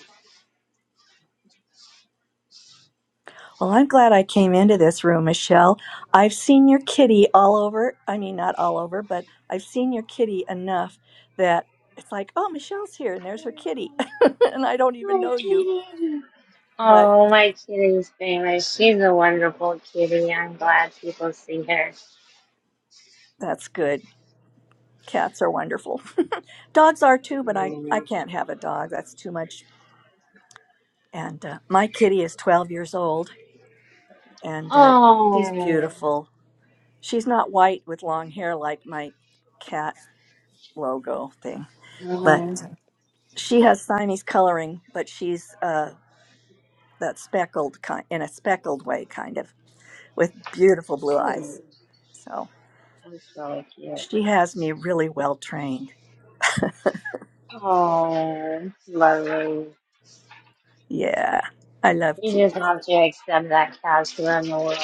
Speaker 5: Well, I'm glad I came into this room, Michelle. I've seen your kitty all over. I mean, not all over, but I've seen your kitty enough that it's like, oh, Michelle's here and there's her kitty. and I don't even
Speaker 2: My
Speaker 5: know you,
Speaker 2: kitty.
Speaker 5: but
Speaker 2: Oh, my kitty's famous. She's a wonderful kitty. I'm glad people see her.
Speaker 5: that's good. Cats are wonderful. Dogs are too, but I,
Speaker 2: Yeah.
Speaker 5: I can't have a dog. That's too much. And uh, my kitty is 12 years old and uh, she's
Speaker 2: Oh.
Speaker 5: beautiful. She's not white with long hair like my cat logo thing,
Speaker 2: Oh,
Speaker 5: but she has Siamese coloring, but she's uh, that speckled kind, in a speckled way, kind of, with beautiful blue eyes.
Speaker 2: dude,
Speaker 5: So
Speaker 2: that's so cute.
Speaker 5: she has me really well trained.
Speaker 2: Oh, lovely.
Speaker 5: Yeah, I love
Speaker 2: You just
Speaker 5: kitties.
Speaker 2: have to accept that cats around the world.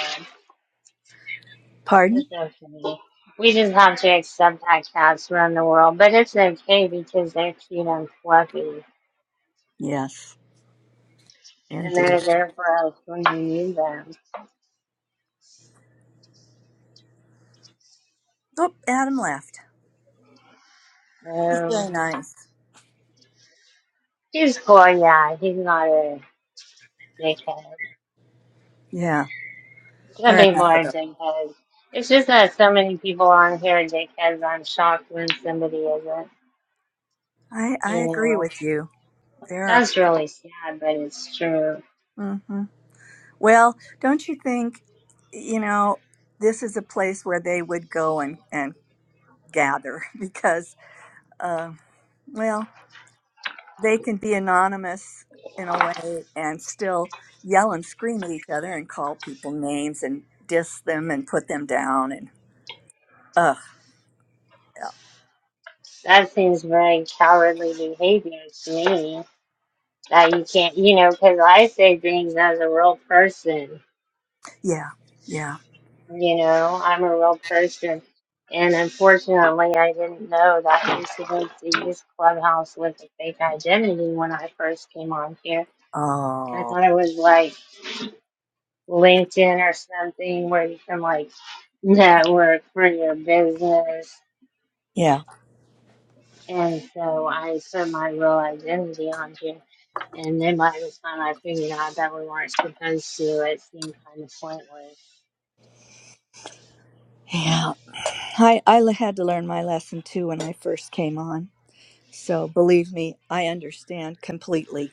Speaker 5: Pardon?
Speaker 2: It's okay. We just have to accept that cats around the world, but it's okay because they're cute and fluffy.
Speaker 5: Yes,
Speaker 2: and they're
Speaker 5: indeed.
Speaker 2: therefore I was bringing you them.
Speaker 5: Oh, Adam left. He's
Speaker 2: So
Speaker 5: very nice.
Speaker 2: he's cool, yeah. He's not a dickhead.
Speaker 5: Yeah,
Speaker 2: Some
Speaker 5: fair
Speaker 2: people
Speaker 5: enough with
Speaker 2: are
Speaker 5: them.
Speaker 2: dickheads. It's just that so many people on here are dickheads. I'm shocked when somebody isn't.
Speaker 5: I,
Speaker 2: You
Speaker 5: I agree
Speaker 2: know,
Speaker 5: with you. There are.
Speaker 2: that's really sad, but it's true.
Speaker 5: hmm Well, don't you think, you know, this is a place where they would go and, and gather because, uh, well, they can be anonymous in a way and still yell and scream at each other and call people names and diss them and put them down. And, uh,
Speaker 2: That seems very cowardly behavior to me. That you can't, you know, because I say things as a real person.
Speaker 5: yeah, yeah.
Speaker 2: You know, I'm a real person. And unfortunately, I didn't know that I was supposed to use Clubhouse with a fake identity when I first came on here. I
Speaker 5: Oh,
Speaker 2: thought it was like LinkedIn or something where you can like network for your business.
Speaker 5: yeah,
Speaker 2: And so I put my real identity on here. And then by the time I figured out that we weren't supposed to, it seemed kind of pointless.
Speaker 5: yeah. I, I l- had to learn my lesson too when I first came on. So believe me, I understand completely.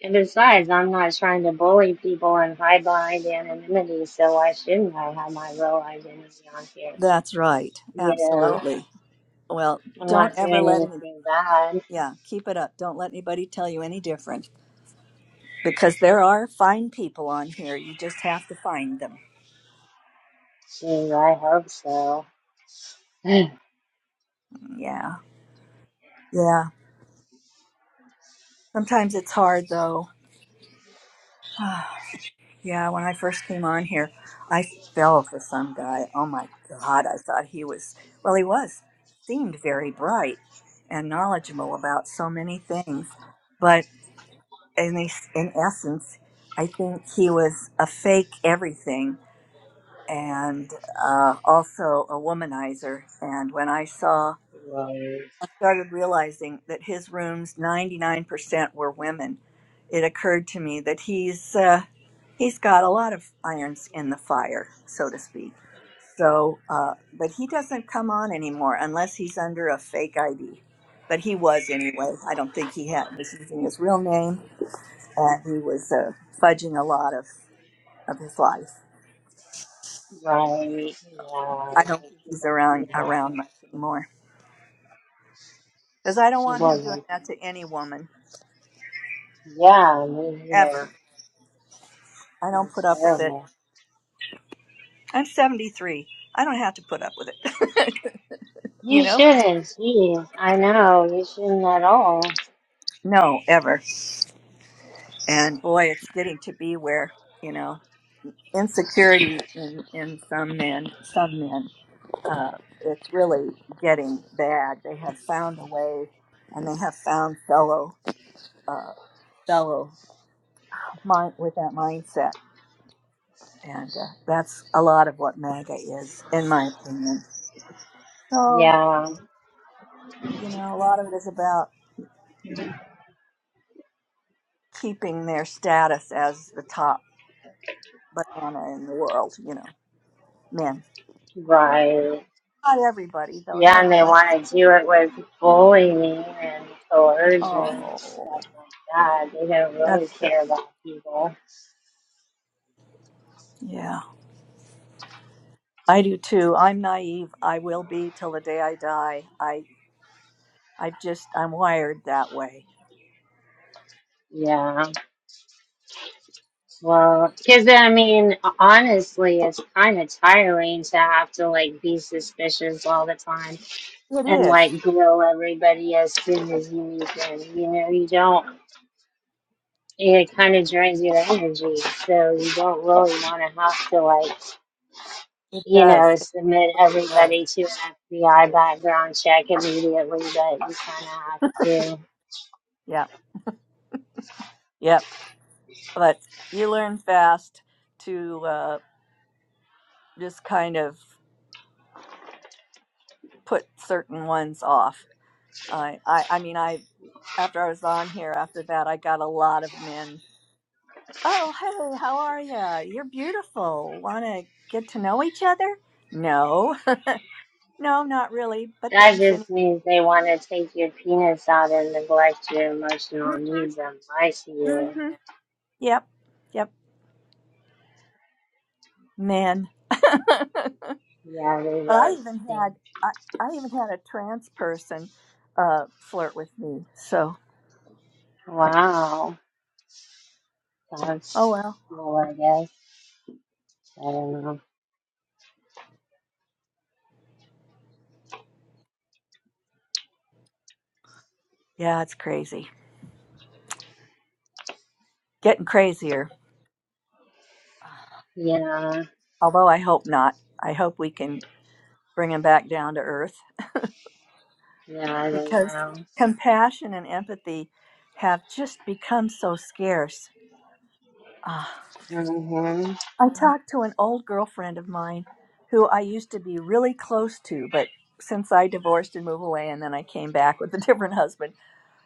Speaker 2: And besides, I'm not trying to bully people and hide behind anonymity, so why shouldn't I have my real identity on here?
Speaker 5: That's right.
Speaker 2: You know,
Speaker 5: Absolutely. Well,
Speaker 2: I'm
Speaker 5: don't
Speaker 2: not
Speaker 5: ever
Speaker 2: doing
Speaker 5: let any,
Speaker 2: anything bad.
Speaker 5: yeah, keep it up. Don't let anybody tell you any different because there are fine people on here. You just have to find them.
Speaker 2: Geez, I hope so. right,
Speaker 5: Yeah. Yeah. Sometimes it's hard though. yeah. When I first came on here, I fell for some guy. Oh my God. I thought he was, well, he was, seemed very bright and knowledgeable about so many things. but. in, es- in essence, I think he was a fake everything and uh, also a womanizer. And when I saw,
Speaker 2: right,
Speaker 5: I started realizing that his rooms, 99% were women. It occurred to me that he's uh, he's got a lot of irons in the fire, so to speak. So, uh, but he doesn't come on anymore unless he's under a fake ID. But he was anyway. I don't think he had was using his real name and he was uh, fudging a lot of, of his life.
Speaker 2: yeah, I know
Speaker 5: I don't think he's
Speaker 2: people do
Speaker 5: around
Speaker 2: that.
Speaker 5: around much anymore because I don't want
Speaker 2: People
Speaker 5: him doing
Speaker 2: like,
Speaker 5: that to any woman
Speaker 2: yeah, these are
Speaker 5: ever.
Speaker 2: like,
Speaker 5: I don't put
Speaker 2: it's
Speaker 5: up with it.
Speaker 2: terrible.
Speaker 5: I'm 73. I don't have to put up with it. you
Speaker 2: You
Speaker 5: know?
Speaker 2: shouldn't, geez, I know, you shouldn't at all.
Speaker 5: No, ever. And boy, it's getting to be where you know insecurity in, in some men. Some men. Uh, it's really getting bad. They have found a way, and they have found fellow. Uh, fellow mind with that mindset, and uh, that's a lot of what MAGA is, in my opinion. So
Speaker 2: Yeah,
Speaker 5: you know, a lot of it is about keeping their status as the top banana in the world. You know, men.
Speaker 2: right,
Speaker 5: Not everybody though. There
Speaker 2: Yeah,
Speaker 5: are
Speaker 2: and they
Speaker 5: plenty.
Speaker 2: want to do it with bullying and coercion and stuff
Speaker 5: Oh,
Speaker 2: like that. They don't
Speaker 5: that's
Speaker 2: really
Speaker 5: true.
Speaker 2: care about people.
Speaker 5: Yeah, I do too. I'm naive. I will be till the day I die. I I just I'm wired that way.
Speaker 2: Yeah. Well, because I mean, honestly, it's kind of tiring to have to like be suspicious all the time
Speaker 5: It
Speaker 2: and
Speaker 5: is.
Speaker 2: like grill everybody as soon as you meet them. You know, you don't. It kind of drains your energy, so you don't really want to have to like.
Speaker 5: It
Speaker 2: you know,
Speaker 5: does. It
Speaker 2: submit
Speaker 5: absolutely does.
Speaker 2: everybody to an FBI background check immediately, but you kind of have to.
Speaker 5: Yeah. Yep. but you learn fast to uh, just kind of put certain ones off. I, I, I mean, I after I was on here, after that, I got a lot of men. Oh, hey, how are you? You're beautiful. Want to get to know each other? No, no, not really. But
Speaker 2: That
Speaker 5: thanks anyway.
Speaker 2: just means they want to take your penis out and neglect your emotional
Speaker 5: Mm-hmm.
Speaker 2: needs and lie to you.
Speaker 5: Mm-hmm. Yep, yep. Men. but
Speaker 2: Yeah, they
Speaker 5: I
Speaker 2: really
Speaker 5: even
Speaker 2: stink.
Speaker 5: had I, I even had a trans person uh, flirt with me. So,
Speaker 2: Wow.
Speaker 5: oh
Speaker 2: That's
Speaker 5: well.
Speaker 2: cool, I guess. I don't know.
Speaker 5: Yeah, it's crazy. Getting crazier.
Speaker 2: Yeah.
Speaker 5: Although I hope not. I hope we can bring him back down to earth
Speaker 2: Yeah, I don't
Speaker 5: because
Speaker 2: know.
Speaker 5: compassion and empathy have just become so scarce. Ah,
Speaker 2: Mm-hmm.
Speaker 5: I talked to an old girlfriend of mine who I used to be really close to, but since I divorced and moved away and then I came back with a different husband,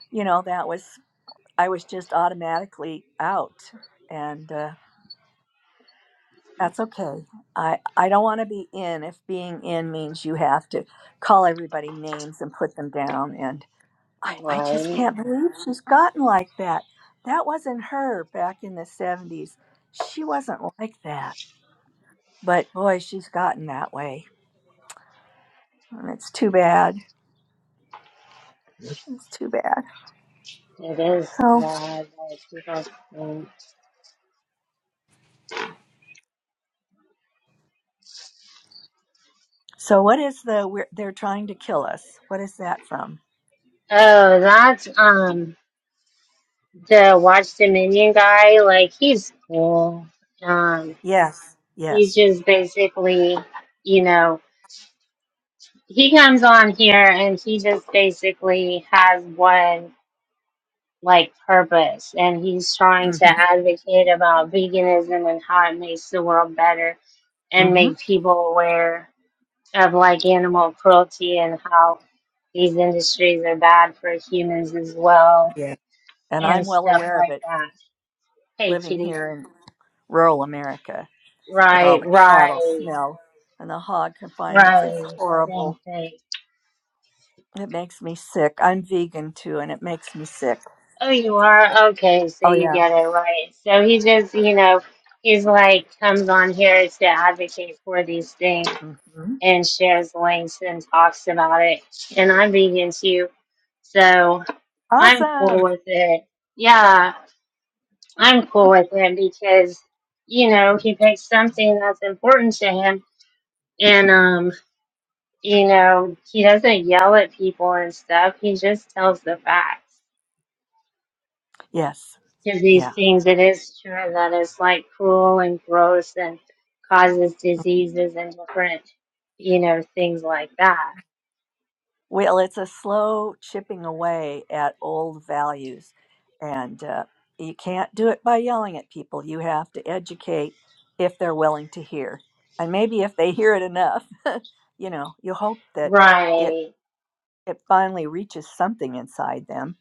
Speaker 5: you know, that was, I was just automatically out. And uh, That's okay. I, I don't want to be in if being in means you have to call everybody names and put them down. And I, I just
Speaker 2: Right.
Speaker 5: can't believe she's gotten like that. That wasn't her back in the 70s. She wasn't like that. But boy, she's gotten that way. And it's too bad. It's too bad.
Speaker 2: It is,
Speaker 5: So,
Speaker 2: yeah, but people think.
Speaker 5: so what is the, we're, they're trying to kill us? What is that from?
Speaker 2: Oh, that's, um, the Watch Dominion guy, like he's cool. Um,
Speaker 5: Yes.
Speaker 2: he's
Speaker 5: Yes.
Speaker 2: just basically, you know, he comes on here and he just basically has one like purpose, and he's trying to
Speaker 5: Mm-hmm.
Speaker 2: advocate about veganism and how it makes the world better and
Speaker 5: Mm-hmm.
Speaker 2: make people aware of like animal cruelty and how these industries are bad for humans as well
Speaker 5: Yeah. And I'm
Speaker 2: and
Speaker 5: well
Speaker 2: stuff
Speaker 5: aware of
Speaker 2: like
Speaker 5: it
Speaker 2: that. Hey,
Speaker 5: living
Speaker 2: kitty.
Speaker 5: here rural America with all
Speaker 2: Right,
Speaker 5: the cattle
Speaker 2: right.
Speaker 5: smell and the hog confinements. It's
Speaker 2: Right, same
Speaker 5: horrible.
Speaker 2: thing.
Speaker 5: It makes me sick. I'm vegan too, and it makes me sick.
Speaker 2: Oh, you are? Okay, so
Speaker 5: Oh,
Speaker 2: you
Speaker 5: yeah.
Speaker 2: get it right. So he just, you know, he's like comes on here to advocate for these things
Speaker 5: hmm
Speaker 2: and shares links and talks about it. And I'm vegan too, so I'm cool
Speaker 5: Awesome.
Speaker 2: with it. Yeah, I'm cool with it because, you know, he picks something that's important to him and, um, you know, he doesn't yell at people and stuff. He just tells the facts
Speaker 5: Yes.
Speaker 2: to these
Speaker 5: Yeah.
Speaker 2: things. It is true that it's like cruel and gross and causes diseases and different, you know, things like that.
Speaker 5: Well, it's a slow chipping away at old values, and uh, you can't do it by yelling at people. You have to educate if they're willing to hear. And maybe if they hear it enough, you know, you hope that it,
Speaker 2: Right,
Speaker 5: it finally reaches something inside them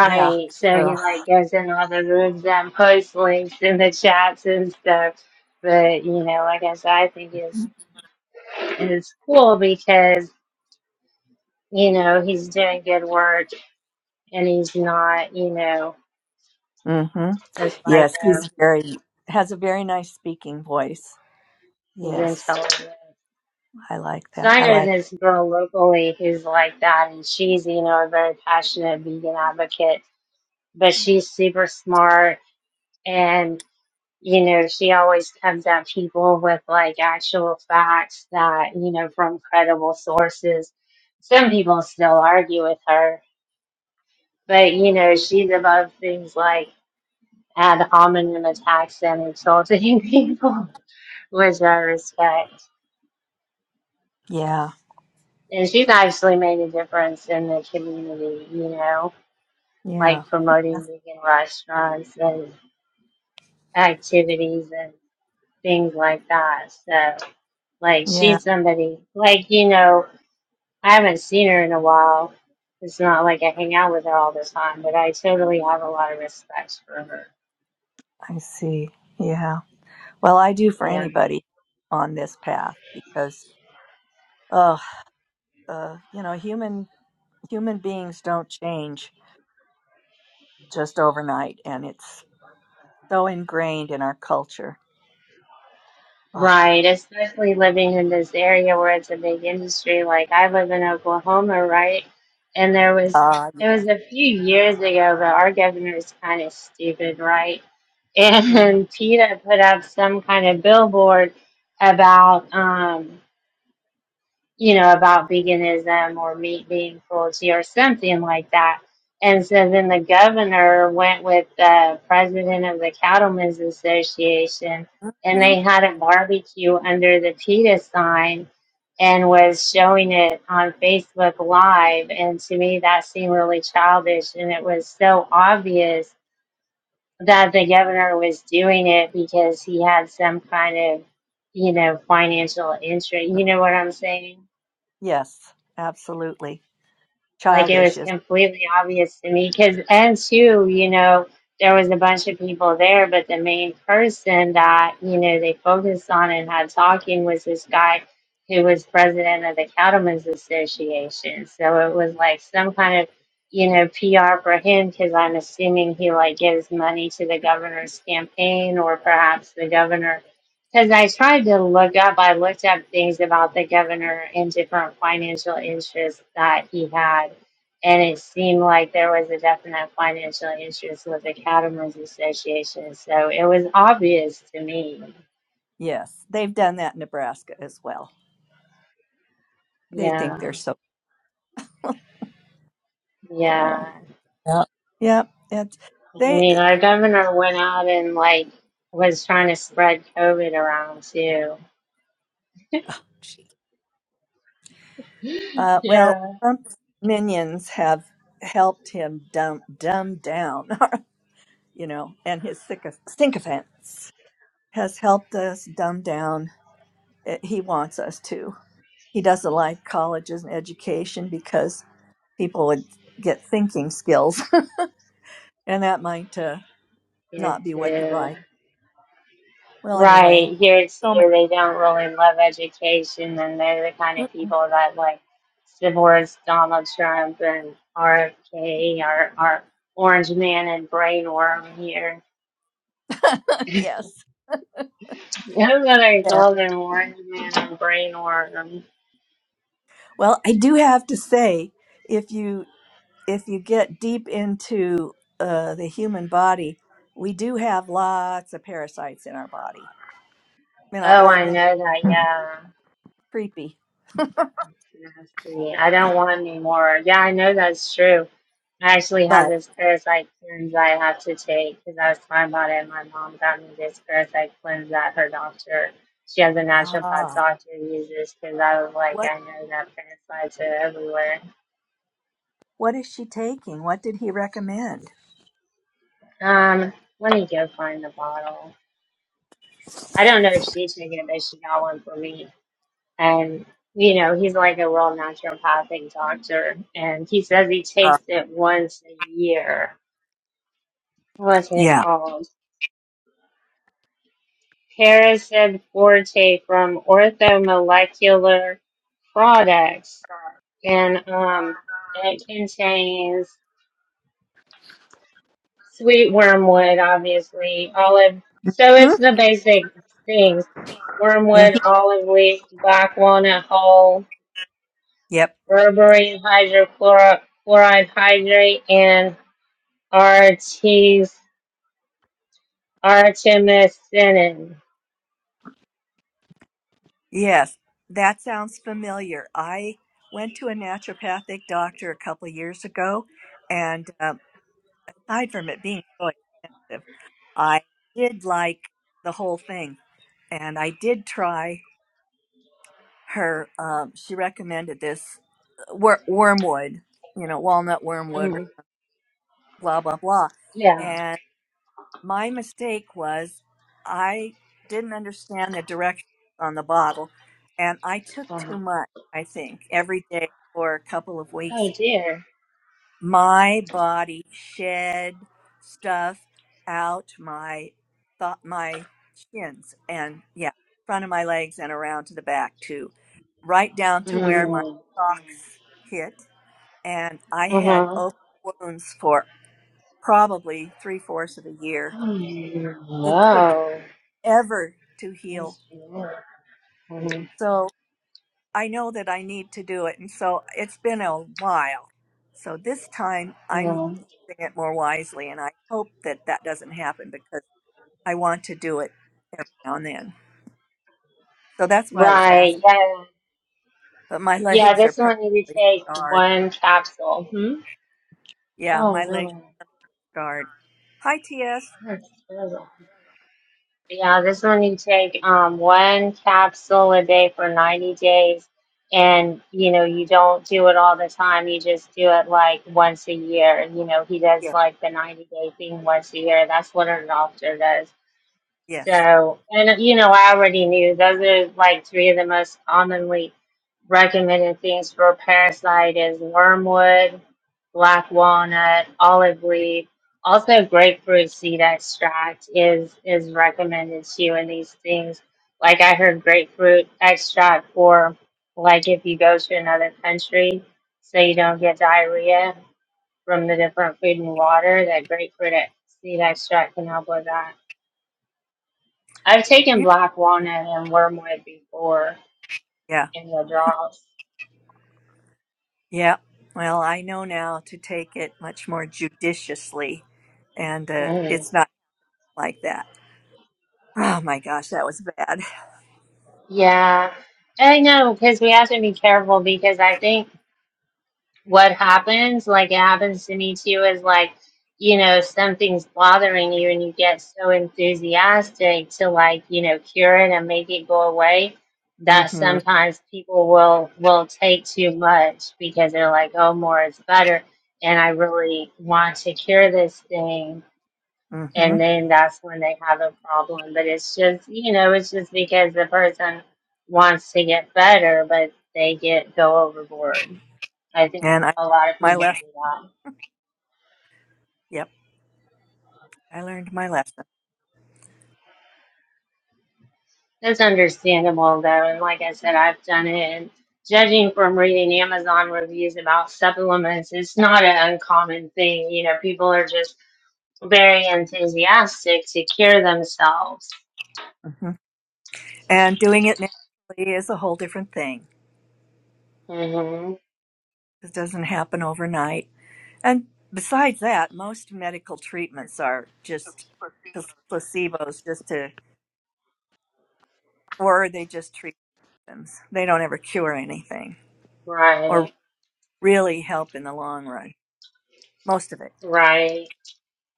Speaker 5: Yeah.
Speaker 2: So
Speaker 5: Ugh.
Speaker 2: he like goes in all the rooms and posts links in the chats and stuff. But you know, like I said, I think it's it's cool because you know he's doing good work and he's not, you know,
Speaker 5: Mm-hmm.
Speaker 2: a
Speaker 5: Yes,
Speaker 2: psycho.
Speaker 5: he's very has a very nice speaking voice.
Speaker 2: He's
Speaker 5: Yes,
Speaker 2: intelligent.
Speaker 5: I like
Speaker 2: So
Speaker 5: that.
Speaker 2: I
Speaker 5: I
Speaker 2: know
Speaker 5: like.
Speaker 2: this girl locally who's like that, and she's, you know, a very passionate vegan advocate, but she's super smart and, you know, she always comes at people with like actual facts that, you know, from credible sources. Some people still argue with her, but, you know, she's above things like ad hominem attacks and insulting people, which I respect.
Speaker 5: Yeah,
Speaker 2: And she's actually made a difference in the community, you know
Speaker 5: yeah,
Speaker 2: like promoting vegan restaurants and activities and things like that. So, like,
Speaker 5: yeah.
Speaker 2: she's somebody, like, you know, I haven't seen her in a while. It's not like I hang out with her all the time, but I totally have a lot of respect for her.
Speaker 5: I see. Yeah. Well, I do for
Speaker 2: Yeah.
Speaker 5: anybody on this path because, oh, uh, you know, human human beings don't change just overnight, and it's so ingrained in our culture.
Speaker 2: Right.
Speaker 5: Ah,
Speaker 2: Especially living in this area where it's a big industry. Like, I live in Oklahoma, right? And there was,
Speaker 5: ah,
Speaker 2: it was
Speaker 5: yes.
Speaker 2: a few years ago, but our governor is kind of stupid, right? and Tita put up some kind of billboard about um you know about veganism or meat being cruelty or something like that. And so then the governor went with the president of the Cattlemen's Association and
Speaker 5: hmm
Speaker 2: they had a barbecue under the Tita sign and was showing it on Facebook Live. And to me, that seemed really childish and it was so obvious that the governor was doing it because he had some kind of, you know, financial interest. You know what I'm saying?
Speaker 5: Yes, absolutely.
Speaker 2: Like it
Speaker 5: Childish,
Speaker 2: was
Speaker 5: is.
Speaker 2: completely obvious to me because and too, you know, there was a bunch of people there, but the main person that, you know, they focused on and had talking was this guy who was president of the Cattlemen's Association. So it was like some kind of, you know, PR for him because I'm assuming he like gives money to the governor's campaign or perhaps the governor because I tried to look up, I looked up things about the governor and different financial interests that he had and it seemed like there was a definite financial interest with the Cattlemen's Association. So it was obvious to me.
Speaker 5: Yes, they've done that in Nebraska as well. They think
Speaker 2: Yeah,
Speaker 5: they're so so.
Speaker 2: yeah.
Speaker 5: Yeah. Yeah, it's
Speaker 2: I
Speaker 5: they.
Speaker 2: mean,
Speaker 5: uh,
Speaker 2: our governor went out and like was trying to spread COVID around too.
Speaker 5: oh, gee. Uh, well,
Speaker 2: Yeah,
Speaker 5: Trump's minions have helped him dumb dumb down, you know, and his syco- sycophants has helped us dumb down. Uh, He wants us to. He doesn't like colleges and education because people would get thinking skills, and that might uh,
Speaker 2: yeah,
Speaker 5: not be what he
Speaker 2: too.
Speaker 5: likes. Well, anyway,
Speaker 2: Right here
Speaker 5: so
Speaker 2: too, they don't really love education, and they're the kind
Speaker 5: many.
Speaker 2: of people that like divorce Donald Trump and RFK, our our orange man and brainworm here
Speaker 5: Yes.
Speaker 2: That's what they
Speaker 5: Yeah.
Speaker 2: call them, orange man and brain worm.
Speaker 5: Well, I do have to say, if you if you get deep into uh, the human body, we do have lots of parasites in our body, in our
Speaker 2: Oh, I
Speaker 5: organs.
Speaker 2: know that, yeah.
Speaker 5: Creepy.
Speaker 2: Nasty. I
Speaker 5: Yeah.
Speaker 2: don't want any more. Yeah, I know that's true. I actually have
Speaker 5: But
Speaker 2: this parasite cleanse I have to take because I was talking about it. My mom got me this parasite cleanse that her doctor, she has a naturopath
Speaker 5: ah,
Speaker 2: doctor, uses because I was like,
Speaker 5: what
Speaker 2: I know that parasites are everywhere.
Speaker 5: what is she taking? What did he recommend?
Speaker 2: Um, let me go find the bottle. I don't know if she took it, but she got one for me. and you know he's like a real naturopathic doctor and he says he takes
Speaker 5: Uh,
Speaker 2: it once a year what's it
Speaker 5: yeah.
Speaker 2: called Paracid forte from orthomolecular products and um it contains sweet wormwood obviously olive so it's
Speaker 5: Hmm?
Speaker 2: the basic things wormwood
Speaker 5: Mhm.
Speaker 2: olive leaf black walnut hull
Speaker 5: Yep.
Speaker 2: berberine hydrochloride hydrate and Archie's Artemis Finnan.
Speaker 5: Yes. That sounds familiar. I went to a naturopathic doctor a couple years ago, and um, aside from it being so expensive. I did like the whole thing, and I did try her. Um, she recommended this uh, wor- wormwood, you know, walnut wormwood, or
Speaker 2: Mm,
Speaker 5: blah blah blah.
Speaker 2: yeah.
Speaker 5: And my mistake was I didn't understand the directions on the bottle, and I took too
Speaker 2: Wow.
Speaker 5: much. I think every day for a couple of weeks,
Speaker 2: Oh dear.
Speaker 5: my body shed stuff out my thought my shins and yeah front of my legs and around to the back too right down to where my
Speaker 2: Mm,
Speaker 5: socks hit and i had
Speaker 2: uh-huh.
Speaker 5: open wounds for probably three fourths of a year
Speaker 2: Mm,
Speaker 5: it took
Speaker 2: wow.
Speaker 5: ever to heal
Speaker 2: That's weird. Mhm,
Speaker 5: so I know that I need to do it. And so it's been a while. So this time I'm
Speaker 2: mhm.
Speaker 5: using it more wisely. And I hope that that doesn't happen because I want to do it every now and then. So that's why I was
Speaker 2: Right,
Speaker 5: asking.
Speaker 2: yeah.
Speaker 5: But my
Speaker 2: Yeah,
Speaker 5: legs are
Speaker 2: this one you
Speaker 5: permanently
Speaker 2: take
Speaker 5: scarred.
Speaker 2: one capsule. Hmm?
Speaker 5: Yeah,
Speaker 2: Oh
Speaker 5: my legs
Speaker 2: no.
Speaker 5: are scarred. Hi, TS.
Speaker 2: That's terrible. Yeah, this one you take um, one capsule a day for 90 days. And, you know, you don't do it all the time. You just do it like once a year. You know, he does
Speaker 5: Yeah.
Speaker 2: like the 90 day thing once a year. That's what a doctor does.
Speaker 5: Yes.
Speaker 2: So, and, you know, I already knew those are like three of the most commonly recommended things for parasite is wormwood, black walnut, olive leaf, also grapefruit seed extract is is recommended too in these things. Like I heard grapefruit extract for like if you go to another country so you don't get diarrhea from the different food and water, that grapefruit ex- seed extract can help with that. I've taken
Speaker 5: Yeah.
Speaker 2: black walnut and wormwood before
Speaker 5: Yeah.
Speaker 2: in withdrawals.
Speaker 5: Yeah. Well, I know now to take it much more judiciously. And uh,
Speaker 2: Mhm.
Speaker 5: it's not like that. Oh my gosh, that was bad.
Speaker 2: Yeah. I know because we have to be careful because I think what happens, like it happens to me too, is like, you know, if something's bothering you and you get so enthusiastic to like, you know, cure it and make it go away, that
Speaker 5: Mm hmm.
Speaker 2: sometimes people will will take too much because they're like, oh, more is better, and I really want to cure this thing.
Speaker 5: Mm hmm.
Speaker 2: And then that's when they have a problem. But it's just, you know, it's just because the person wants to get better, but they get go overboard. I think
Speaker 5: And I
Speaker 2: a lot of
Speaker 5: my
Speaker 2: people
Speaker 5: lesson.
Speaker 2: do that.
Speaker 5: Yep, I learned my lesson.
Speaker 2: That's understandable, though. And like I said, I've done it. And judging from reading Amazon reviews about supplements, it's not an uncommon thing. You know, people are just very enthusiastic to cure themselves.
Speaker 5: hmm And doing it naturally is a whole different thing.
Speaker 2: hmm
Speaker 5: It doesn't happen overnight. And besides that, most medical treatments are just pl- placebos, just to or they just treat them. They don't ever cure anything or
Speaker 2: Right.
Speaker 5: really help in the long run. Most of it,
Speaker 2: Right.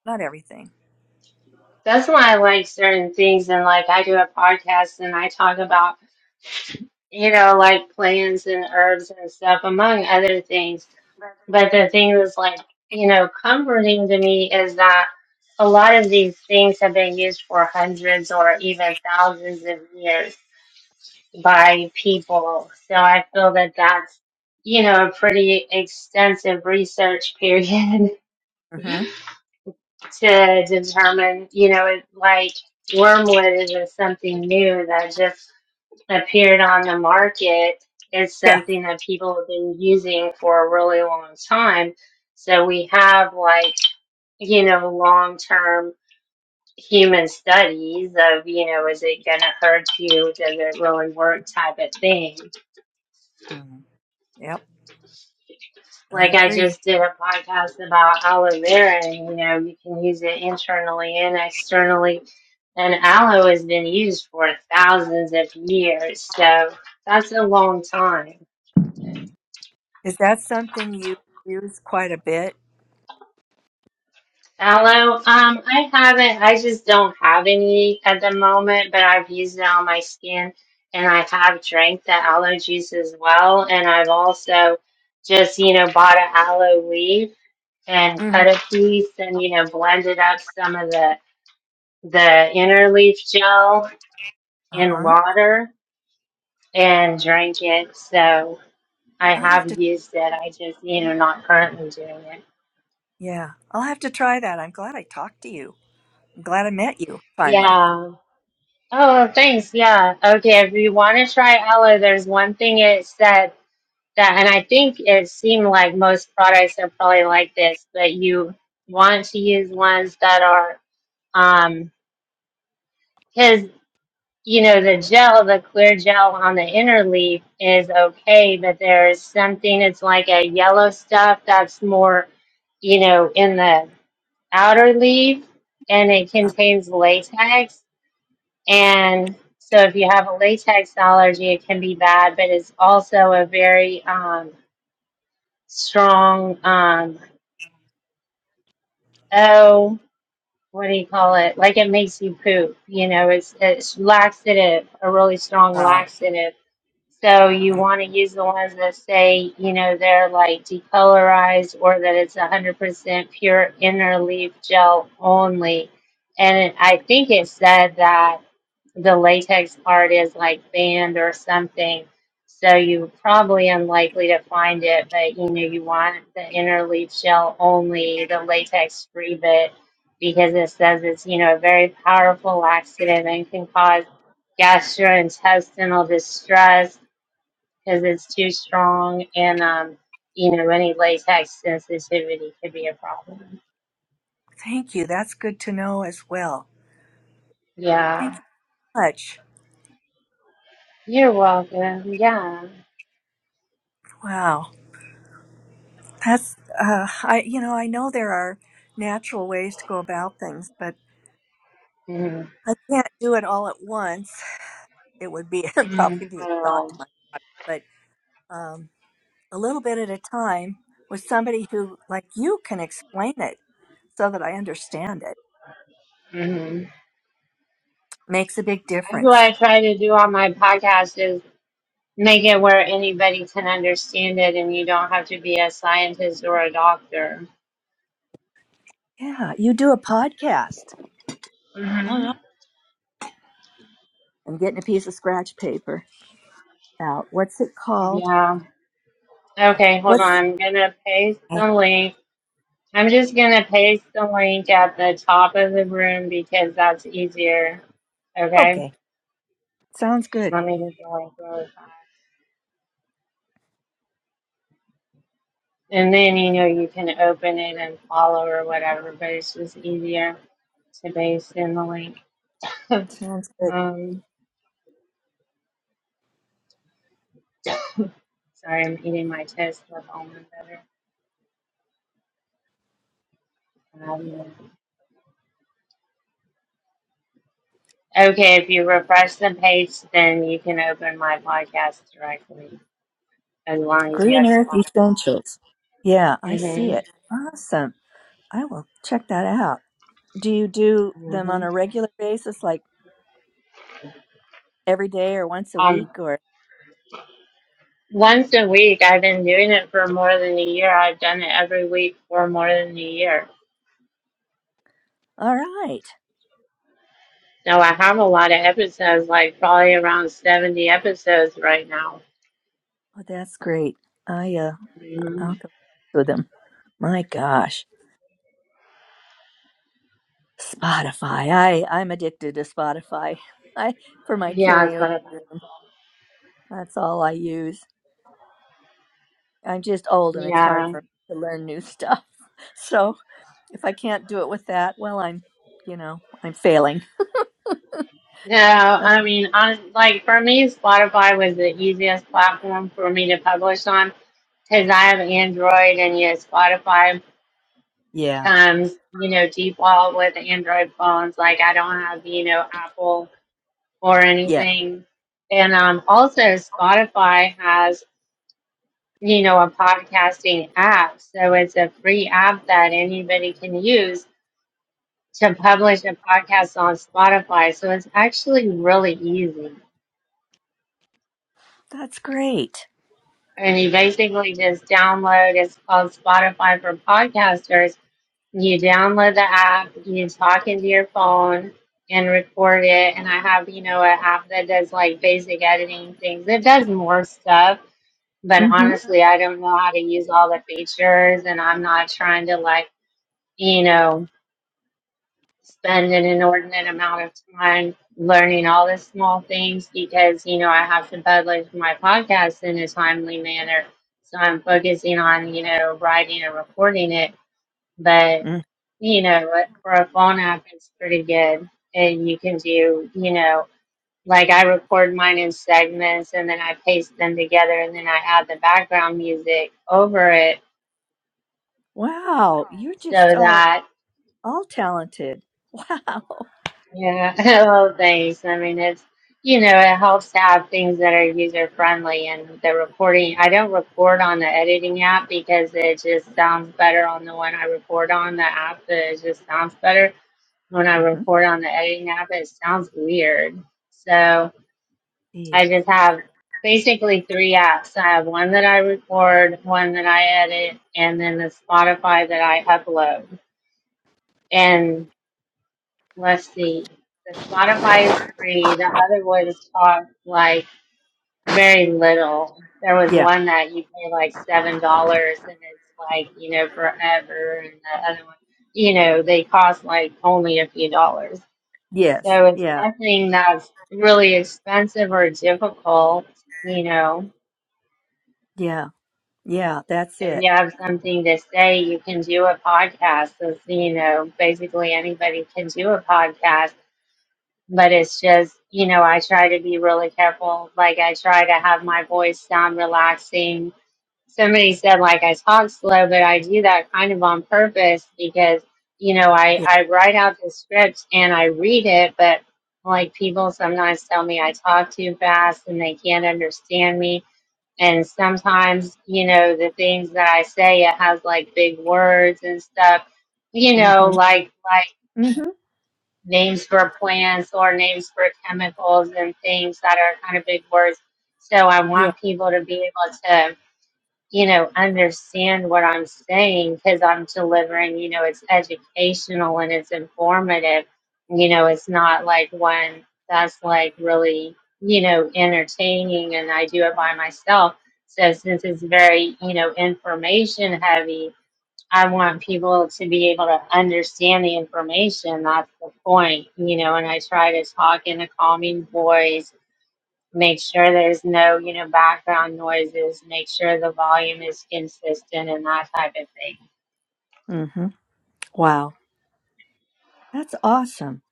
Speaker 5: not everything.
Speaker 2: That's why I like certain things. And like I do a podcast and I talk about, you know, like plants and herbs and stuff, among other things But the thing that's like, you know, comforting to me is that a lot of these things have been used for hundreds or even thousands of years by people. So I feel that that's, you know, a pretty extensive research period
Speaker 5: hmm
Speaker 2: to determine, you know, it, like wormwood isn't something new that just appeared on the market. It's
Speaker 5: Yeah.
Speaker 2: something that people have been using for a really long time. So we have like, you know, long term human studies of, you know, is it going to hurt you? Does it really work type of thing.
Speaker 5: hmm Yep, I
Speaker 2: Like I
Speaker 5: agree.
Speaker 2: just did a podcast about aloe vera and, you know, you can use it internally and externally. And aloe has been used for thousands of years. So that's a long time.
Speaker 5: Is that something you use quite a bit?
Speaker 2: Aloe. Um, I haven't. I just don't have any at the moment, but I've used it on my skin, and I have drank the aloe juice as well. And I've also just, you know, bought an aloe leaf and
Speaker 5: hmm
Speaker 2: cut a piece, and you know, blended up some of the the inner leaf gel
Speaker 5: Uh
Speaker 2: in
Speaker 5: huh.
Speaker 2: water and drank it. So I
Speaker 5: I'll have to.
Speaker 2: have used it. I just, you know, not currently doing it.
Speaker 5: Yeah, I'll have to try that. I'm glad I talked to you. I'm glad I met you finally.
Speaker 2: Yeah. Oh, thanks. Yeah. Okay. If you want to try Aloe, there's one thing it said that, and I think it seemed like most products are probably like this, but you want to use ones that are, um, because, you know, the gel, the clear gel on the inner leaf is okay, but there's something, it's like a yellow stuff that's more, you know, in the outer leaf and it
Speaker 5: Uh,
Speaker 2: contains latex And so if you have a latex allergy, it can be bad, but it's also a very um, strong, um, oh, what do you call it? Like it makes you poop. You know, it's, it's laxative, a really strong
Speaker 5: yeah.
Speaker 2: laxative. So you want to use the ones that say, you know, they're like decolorized or that it's 100% pure inner leaf gel only. And I think it said that the latex part is like banned or something. So you're probably unlikely to find it, but you know, you want the inner leaf shell only, the latex free bit, because it says it's, you know, a very powerful laxative and can cause gastrointestinal distress because it's too strong and, um, you know, any latex sensitivity could be a problem.
Speaker 5: Thank you. That's good to know as well.
Speaker 2: Yeah.
Speaker 5: Thank you so much.
Speaker 2: You're welcome. Yeah.
Speaker 5: Wow, that's uh, I. You know, I know there are natural ways to go about things, but
Speaker 2: Mm-hmm.
Speaker 5: I can't do it all at once. It would be it'd
Speaker 2: Mm-hmm.
Speaker 5: probably be a shock to
Speaker 2: Oh.
Speaker 5: my body, but um, a little bit at a time with somebody who, like you, can explain it so that I understand it
Speaker 2: Mm-hmm.
Speaker 5: makes a big
Speaker 2: That's what
Speaker 5: difference.
Speaker 2: I try to do on my podcast is make it where anybody can understand it and you don't have to be a scientist or a doctor.
Speaker 5: Yeah, you do a podcast. All right. I'm getting a piece of scratch paper out. What's it called?
Speaker 2: Yeah. Okay, hold on.
Speaker 5: What's
Speaker 2: I'm gonna paste the link. I'm just gonna paste the link at the top of the room because that's easier. Okay?
Speaker 5: okay? Sounds good.
Speaker 2: Let me get the link really fast. And then you know you can open it and follow or whatever, but it's just easier to paste in the link.
Speaker 5: Sounds good.
Speaker 2: Um, sorry, I'm eating my toast with almond butter. Um, okay, if you refresh the page, then you can open my podcast directly, as long as you
Speaker 5: Green
Speaker 2: have
Speaker 5: Earth
Speaker 2: Spotify.
Speaker 5: Essentials. Yeah, I see
Speaker 2: Mm-hmm.
Speaker 5: it. Awesome. I will check that out. Do you do them on
Speaker 2: Mm-hmm.
Speaker 5: a regular basis, like every day or once a
Speaker 2: Um,
Speaker 5: week, or?
Speaker 2: once a week. I've been doing it for more than a year. I've done it every week for more than a year.
Speaker 5: All right.
Speaker 2: So I have a lot of episodes, like probably around seventy episodes right now.
Speaker 5: Well, that's great. I uh,
Speaker 2: hmm
Speaker 5: I'll go with them. My gosh. Spotify. I I'm addicted to Spotify. I for my
Speaker 2: Yeah,
Speaker 5: karaoke
Speaker 2: Spotify.
Speaker 5: room. That's all I use. I'm just old and it's hard
Speaker 2: Yeah.
Speaker 5: for me to learn new stuff. So if I can't do it with that, well, I'm you know I'm failing.
Speaker 2: No,
Speaker 5: Uh,
Speaker 2: I mean, on, like for me, Spotify was the easiest platform for me to publish on because I have Android and yeah, Spotify
Speaker 5: yeah,
Speaker 2: comes, you know, default with Android phones. Like I don't have, you know, Apple or
Speaker 5: yeah.
Speaker 2: anything. And um, also Spotify has, you know, a podcasting app. So it's a free app that anybody can use to publish a podcast on Spotify. So it's actually really easy.
Speaker 5: That's great.
Speaker 2: And you basically just download, it's called Spotify for Podcasters You download the app, you talk into your phone and record it. And I have, you know, an app that does like basic editing things. It does more stuff, but
Speaker 5: Mm-hmm.
Speaker 2: honestly, I don't know how to use all the features and I'm not trying to like, you know, spend an inordinate amount of time learning all the small things because, you know, I have to publish my podcast in a timely manner. So I'm focusing on, you know, writing and recording it. But
Speaker 5: Mm.
Speaker 2: you know, like, for a phone app, it's pretty good. And you can do, you know, like I record mine in segments and then I paste them together and then I add the background music over it
Speaker 5: Wow,
Speaker 7: Wow.
Speaker 5: you're
Speaker 2: so
Speaker 5: just all
Speaker 2: that,
Speaker 5: all talented. Wow.
Speaker 2: yeah, oh, thanks. I mean, it's, you know, it helps to have things that are user friendly and the recording. I don't record on the editing app because it just sounds better on the one I record on. The app that it just sounds better when I
Speaker 5: Mm-hmm.
Speaker 2: record on the editing app, it sounds weird. So I just have basically three apps. I have one that I record, one that I edit, and then the Spotify that I upload. And let's see, the Spotify is free. The other ones cost like very little. There was
Speaker 5: Yeah.
Speaker 2: one that you pay like seven dollars, and it's like you know forever, and the other one, you know, they cost like only a few dollars.
Speaker 5: Yes.
Speaker 2: So it's
Speaker 5: Yeah.
Speaker 2: nothing that's really expensive or difficult, you know.
Speaker 5: Yeah. Yeah, that's
Speaker 2: If
Speaker 5: it.
Speaker 2: you have something to say, you can do a podcast. So, you know, basically anybody can do a podcast, but it's just, you know, I try to be really careful. Like I try to have my voice sound relaxing somebody said like I talk slow, but I do that kind of on purpose because you know I
Speaker 5: Yeah.
Speaker 2: I write out the script and I read it, but like people sometimes tell me I talk too fast and they can't understand me. And sometimes, you know, the things that I say, it has like big words and stuff, you know,
Speaker 5: Mm-hmm.
Speaker 2: like, like
Speaker 5: Mm-hmm.
Speaker 2: names for plants or names for chemicals and things that are kind of big words. So I
Speaker 5: Yeah.
Speaker 2: want people to be able to you know, understand what I'm saying because I'm delivering, you know, it's educational and it's informative. You know, it's not like one that's like really, you know, entertaining and I do it by myself. So since it's very, you know, information heavy, I want people to be able to understand the information. That's the point, you know, and I try to talk in a calming voice make sure there's no you know background noises make sure the volume is consistent and that type of thing
Speaker 5: Mm-hmm. Wow. That's awesome.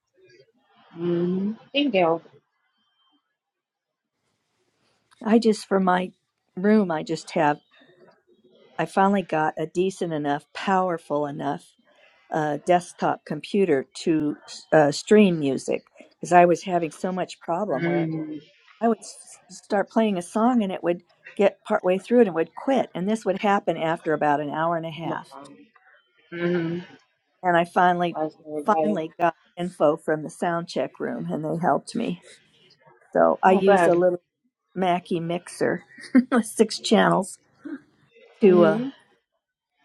Speaker 2: mm-hmm. thank you
Speaker 5: I just, for my room, I just have, I finally got a decent enough, powerful enough uh, desktop computer to uh, stream music because I was having so much problem where
Speaker 2: mm-hmm.
Speaker 5: I would s- start playing a song and it would get partway through it and would quit. And this would happen after about an hour and a
Speaker 2: Oh my
Speaker 5: half.
Speaker 2: God. Mm-hmm.
Speaker 5: And I finally,
Speaker 2: Bless everybody.
Speaker 5: finally got info from the sound check room and they helped me. So I
Speaker 2: oh
Speaker 5: use a
Speaker 2: good
Speaker 5: little Mackie mixer with six channels to uh,
Speaker 2: mm-hmm.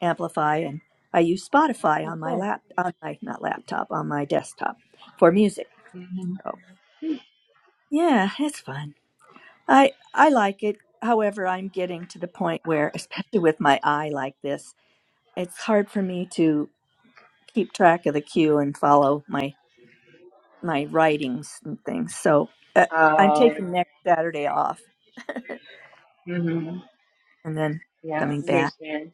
Speaker 5: amplify, and I use Spotify
Speaker 2: Oh,
Speaker 5: on my
Speaker 2: cool.
Speaker 5: lap, on my not laptop, on my desktop for music. So yeah, it's fun. I I like it. However, I'm getting to the point where, especially with my eye like this, it's hard for me to keep track of the cue and follow my my writings and things. So uh, I'm
Speaker 2: oh
Speaker 5: taking next Saturday off,
Speaker 2: mm-hmm.
Speaker 5: and then
Speaker 2: yeah
Speaker 5: coming
Speaker 2: I
Speaker 5: back.
Speaker 2: understand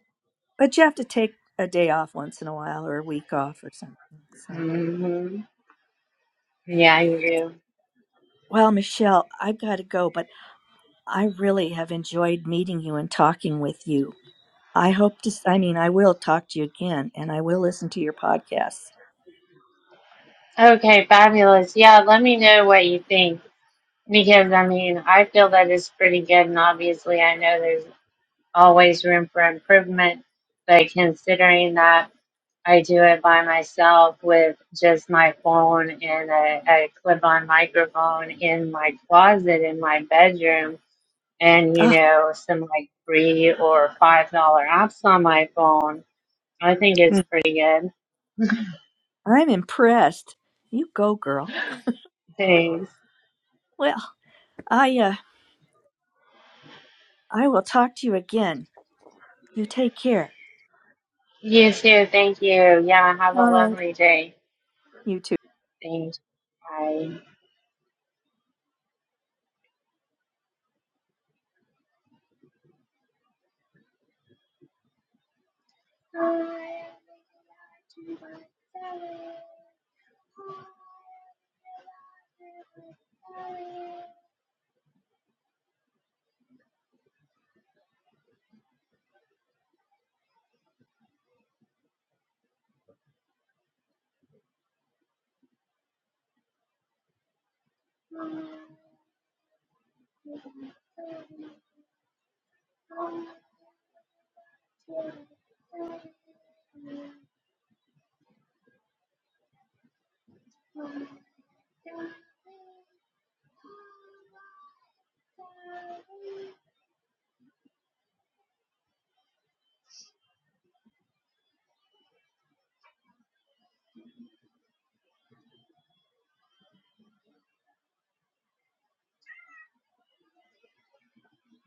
Speaker 5: But you have to take a day off once in a while or a week off or something. So,
Speaker 2: mm-hmm. yeah you do
Speaker 5: well, Michelle, I've got to go, but I really have enjoyed meeting you and talking with you. I hope to, I mean, I will talk to you again and I will listen to your podcasts.
Speaker 2: okay fabulous yeah let me know what you think because I mean I feel that it's pretty good and obviously I know there's. always room for improvement. But considering that I do it by myself with just my phone and a, a clip on microphone in my closet in my bedroom and, you
Speaker 5: Ah,
Speaker 2: know, some like three or five dollar apps on my phone, I think it's pretty good.
Speaker 5: I'm impressed. You go, girl.
Speaker 2: Thanks.
Speaker 5: Well, I, uh, I will talk to you again. You take care.
Speaker 2: You too. Thank you. Yeah. Have a
Speaker 5: All right.
Speaker 2: lovely day.
Speaker 5: You too.
Speaker 2: Thanks. Bye.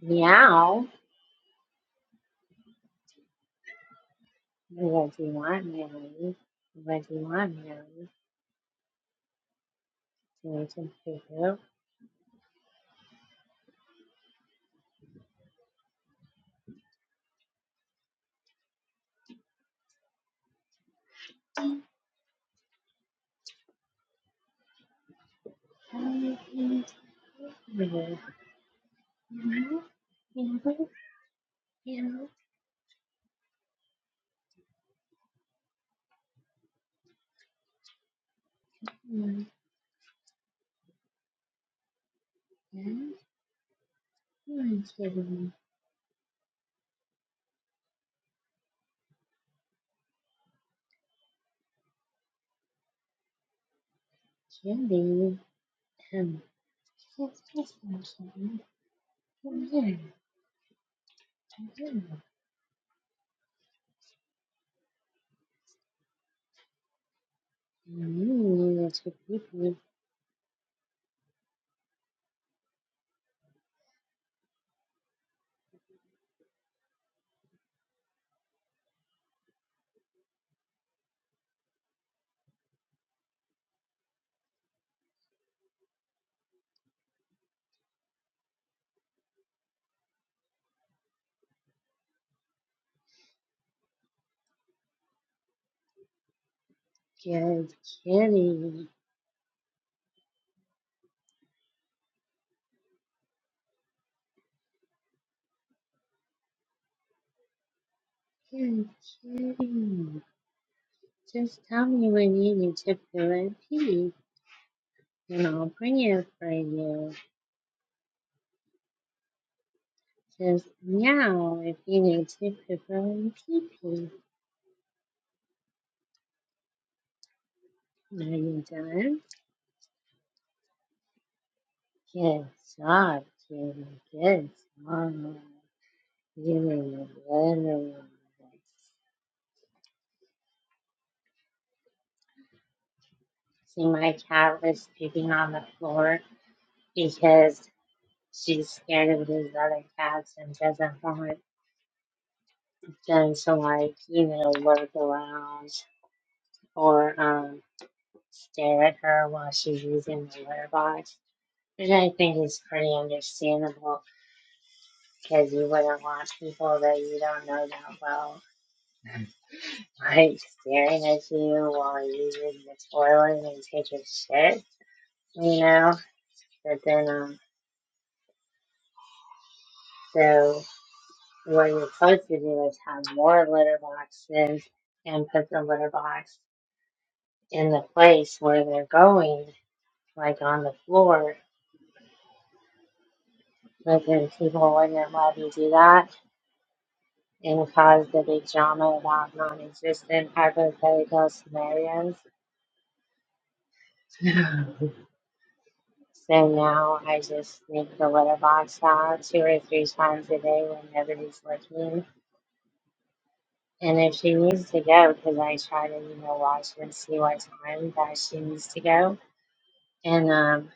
Speaker 2: Meow. What do you want, meow? What do you want, meow? So a photo where my dad was giving candy and kiss kiss person. Yeah, yeah. And then the two people get candy. Get candy. Just tell me when you need to fill in pee and I'll bring it for you. Just meow if you need to fill in pee pee. Are you done? Good job, Kitty. Good job. You literally. See, my cat was pooping on the floor because she's scared of these other cats and doesn't want them to, like, you know, lurk around or um, stare at her while she's using the litter box. Which I think is pretty understandable because you wouldn't want people that you don't know that well, like, staring at you while you use the toilet and take a shit, you know? But then, um, So what you're supposed to do is have more litter boxes and put the litter box in the place where they're going, like on the floor. But then people wouldn't let me do that and cause the big drama about non-existent hypothetical scenarios. so now I just leave the litter box out two or three times a day when nobody's looking And if she needs to go, because I try to, you know, watch and see what time that she needs to go. And um,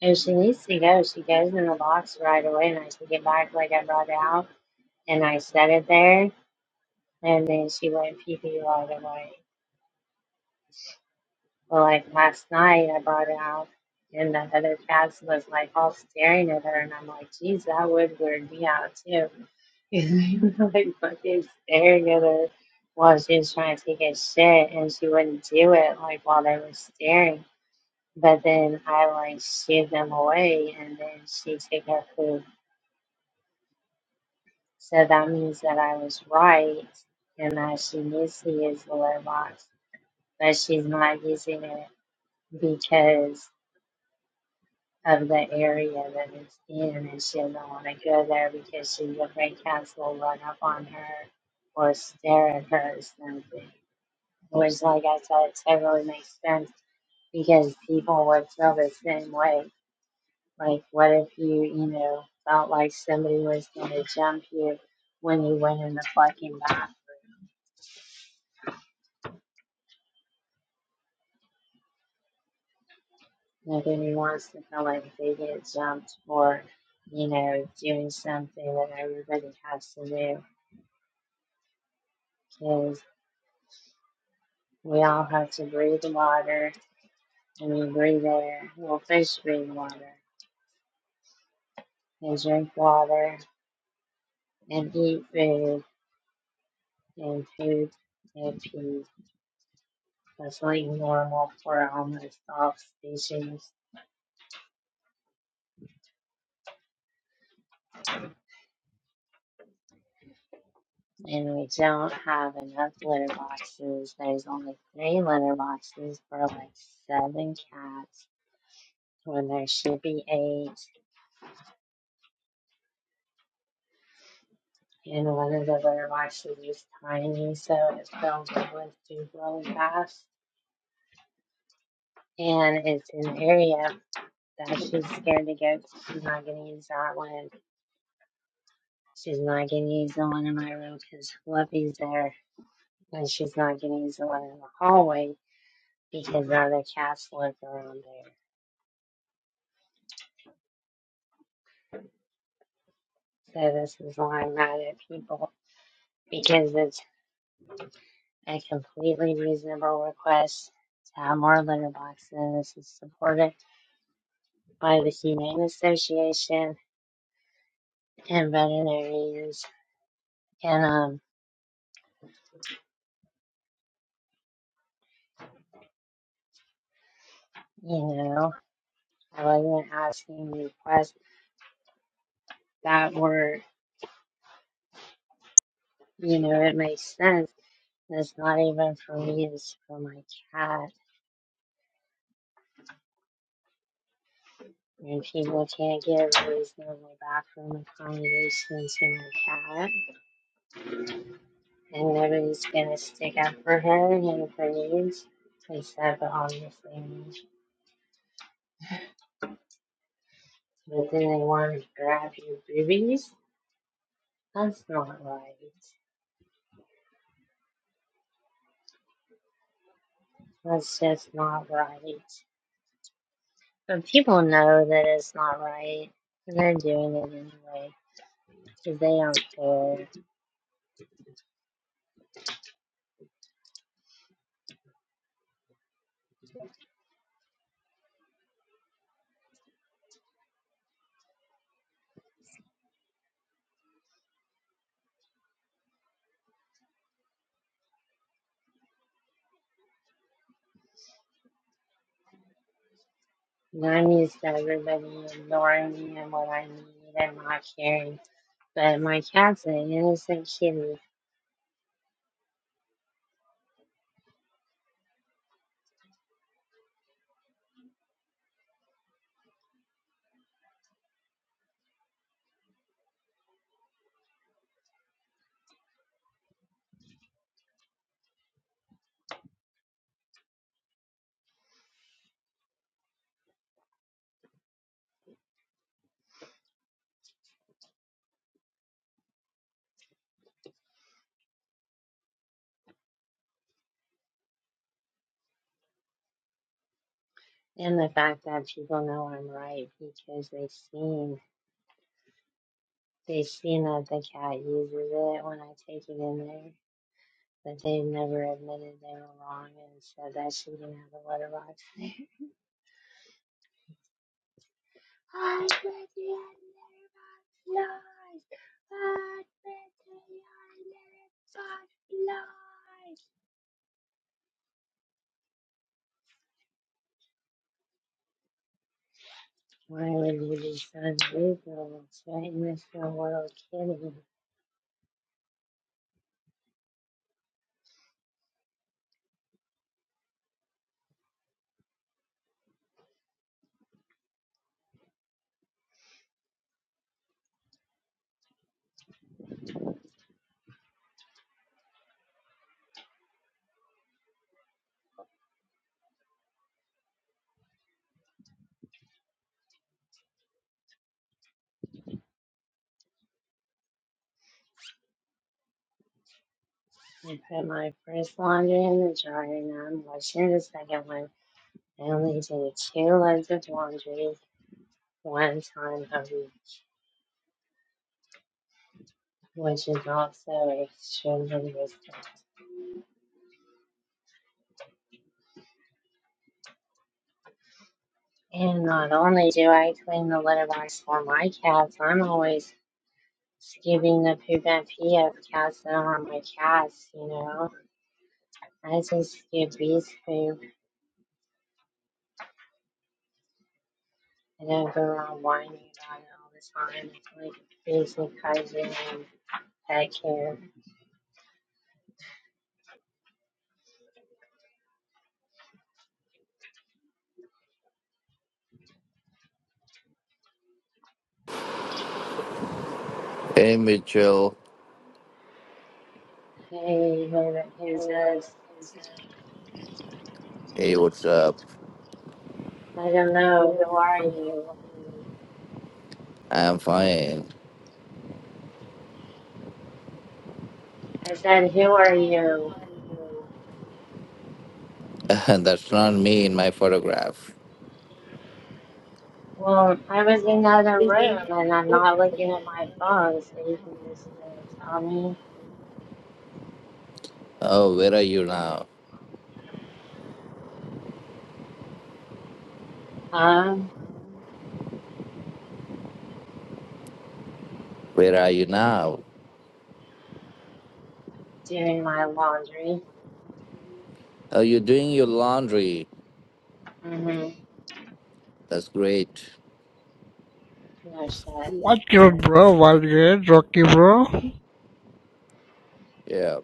Speaker 2: if she needs to go, she goes in the box right away, and I take it back like I brought it out, and I set it there, and then she went pee pee right away. Well, like last night, I brought it out, and the other cats was like all staring at her, and I'm like, geez, that would weird me out too. It's like fucking staring at her while she was trying to take a shit and she wouldn't do it like while they were staring. But then I like shooed them away and then she took her food. So that means that I was right and that she needs to use the litter box, but she's not using it because of the area that it's in and she doesn't want to go there because she's afraid cats will run up on her or stare at her or something. which, like I said, totally makes sense because people would feel the same way. Like, what if you, you know, felt like somebody was going to jump you when you went in the fucking bathroom? Nobody wants to feel like they get jumped or, you know, doing something that everybody has to do because we all have to breathe water and we breathe air. Well, fish breathe water and drink water and eat food and poop and pee. That's like normal for almost all species. And we don't have enough litter boxes. There's only three litter boxes for like seven cats when there should be eight. And one of the litter boxes is tiny, so it fills up with food really fast. And it's an area that she's scared to go to. She's not going to use that one. She's not going to use the one in my room because Fluffy's there. And she's not going to use the one in the hallway because other cats live around there. So this is why I'm mad at people because it's a completely reasonable request to have more litter boxes. this is supported by the Humane Association and veterinarians, and um, you know, I wasn't asking requests that were, you know, it makes sense. It's not even for me; it's for my cat. And people can't give reasonable bathroom accommodations to my cat And nobody's gonna stick up for her and for these. Except obviously me. But then they wanna grab your boobies? That's not right. That's just not right. But people know that it's not right. And they're doing it anyway. Because they don't care. And I'm used to everybody ignoring me and what I need and not caring. But my cat's an innocent kitty. And the fact that people know I'm right because they've seen. They seen that the cat uses it when I take it in there, but they never admitted they were wrong and said that she didn't have a litter box there. I bet you had litter box lies! I bet you had litter box lies! Why would you be so unreasonable, threaten this little world kitty? I put my first laundry in the dryer and I'm washing the second one. I only did two loads of laundry one time a week. which is also extremely risky. And not only do I clean the litter box for my cats, I'm always skipping the poop and pee of cats that are my cats, you know. I just skip Beast poop and then go around whining about it all the time. It's like basic hygiene and pet care.
Speaker 8: Hey Mitchell,
Speaker 2: Hey, who- who's this?
Speaker 8: hey, what's up?
Speaker 2: I don't know. Who are you?
Speaker 8: I'm fine.
Speaker 2: I said, who are you?
Speaker 8: That's not me in my photograph.
Speaker 2: Well, I was in the other room and I'm not looking at my phone, so you can just you know, tell me
Speaker 8: Oh, where are you now?
Speaker 2: I'm
Speaker 8: Where are you now?
Speaker 2: doing my laundry.
Speaker 8: Oh, you're doing your laundry.
Speaker 2: hmm
Speaker 8: That's great.
Speaker 2: No shit.
Speaker 9: What's your bro? What's good? Rocky, bro?
Speaker 8: Yeah.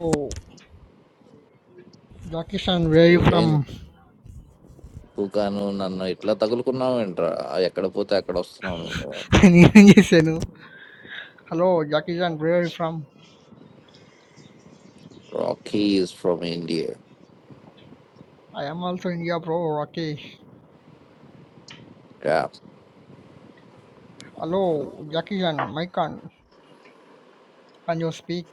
Speaker 9: Oh, Jackie-san, where are you
Speaker 8: ఏం
Speaker 9: from?
Speaker 8: కుకాను నన్ను ఇట్లా తగులుకున్నావు ఏంట్రా ఎక్కడ పోతే అక్కడ వస్తున్నాను
Speaker 9: Hello, Jackie-san, where are you from?
Speaker 8: Rocky is from India
Speaker 9: I am also India, bro, Rocky.
Speaker 8: Yeah
Speaker 9: Hello, Jackie-san, my con. Can you speak?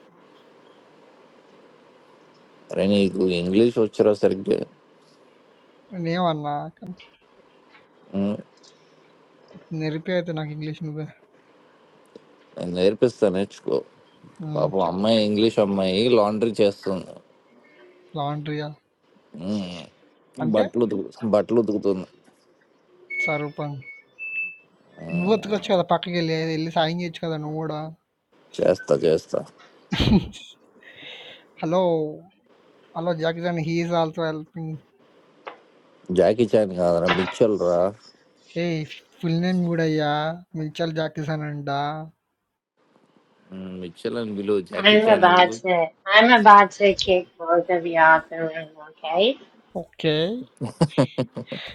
Speaker 8: అరే నీకు ఇంగ్లీష్ వచ్చారా సరిగ్గా
Speaker 9: నేవన్నా
Speaker 8: ఉమ్,
Speaker 9: నెరిపి అయితే నాకు ఇంగ్లీష్ నువ్వే
Speaker 8: నేను నేర్పిస్తాను నేర్చుకో
Speaker 9: "మ్మ్,
Speaker 8: పాపం
Speaker 9: చెప్పు
Speaker 8: అమ్మాయి ఇంగ్లీష్ అమ్మాయి లాండ్రీ చేస్తుంది
Speaker 9: లాండ్రీయా
Speaker 8: ఉమ్.
Speaker 9: అంటే
Speaker 8: బట్టలు ఉతుకు బట్టలు ఉతుకుతుంది
Speaker 9: సరూపం నువ్వు ఉతకొచ్చు కదా పక్కకి వెళ్ళి వెళ్ళి సాయం చేయొచ్చు కదా నువ్వు కూడా
Speaker 8: చేస్తా చేస్తా
Speaker 9: hello hello Jackie san he is also helping
Speaker 8: Jackie Chan కాదురా మిచ్చల్ రా
Speaker 9: Hey, full name, goodaya. We'll travel Jakarta,
Speaker 8: um, Mitchell అని పిలువు జాకీ
Speaker 2: I'm
Speaker 8: చాన్
Speaker 2: about
Speaker 8: ఎందుకు
Speaker 2: to I'm about to kick both of you out the room, okay?
Speaker 9: okay?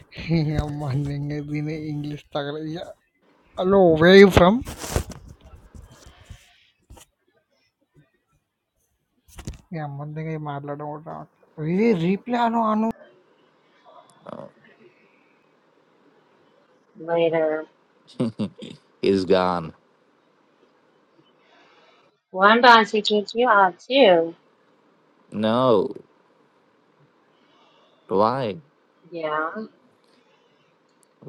Speaker 9: Hey, I'm wondering if you need English. Hello, where are you from? I'm wondering if Madladam or the reply. Hello, Anu.
Speaker 2: Later.
Speaker 8: Is gone
Speaker 2: Well, I'm about to kick you out too.
Speaker 8: No why
Speaker 2: Yeah.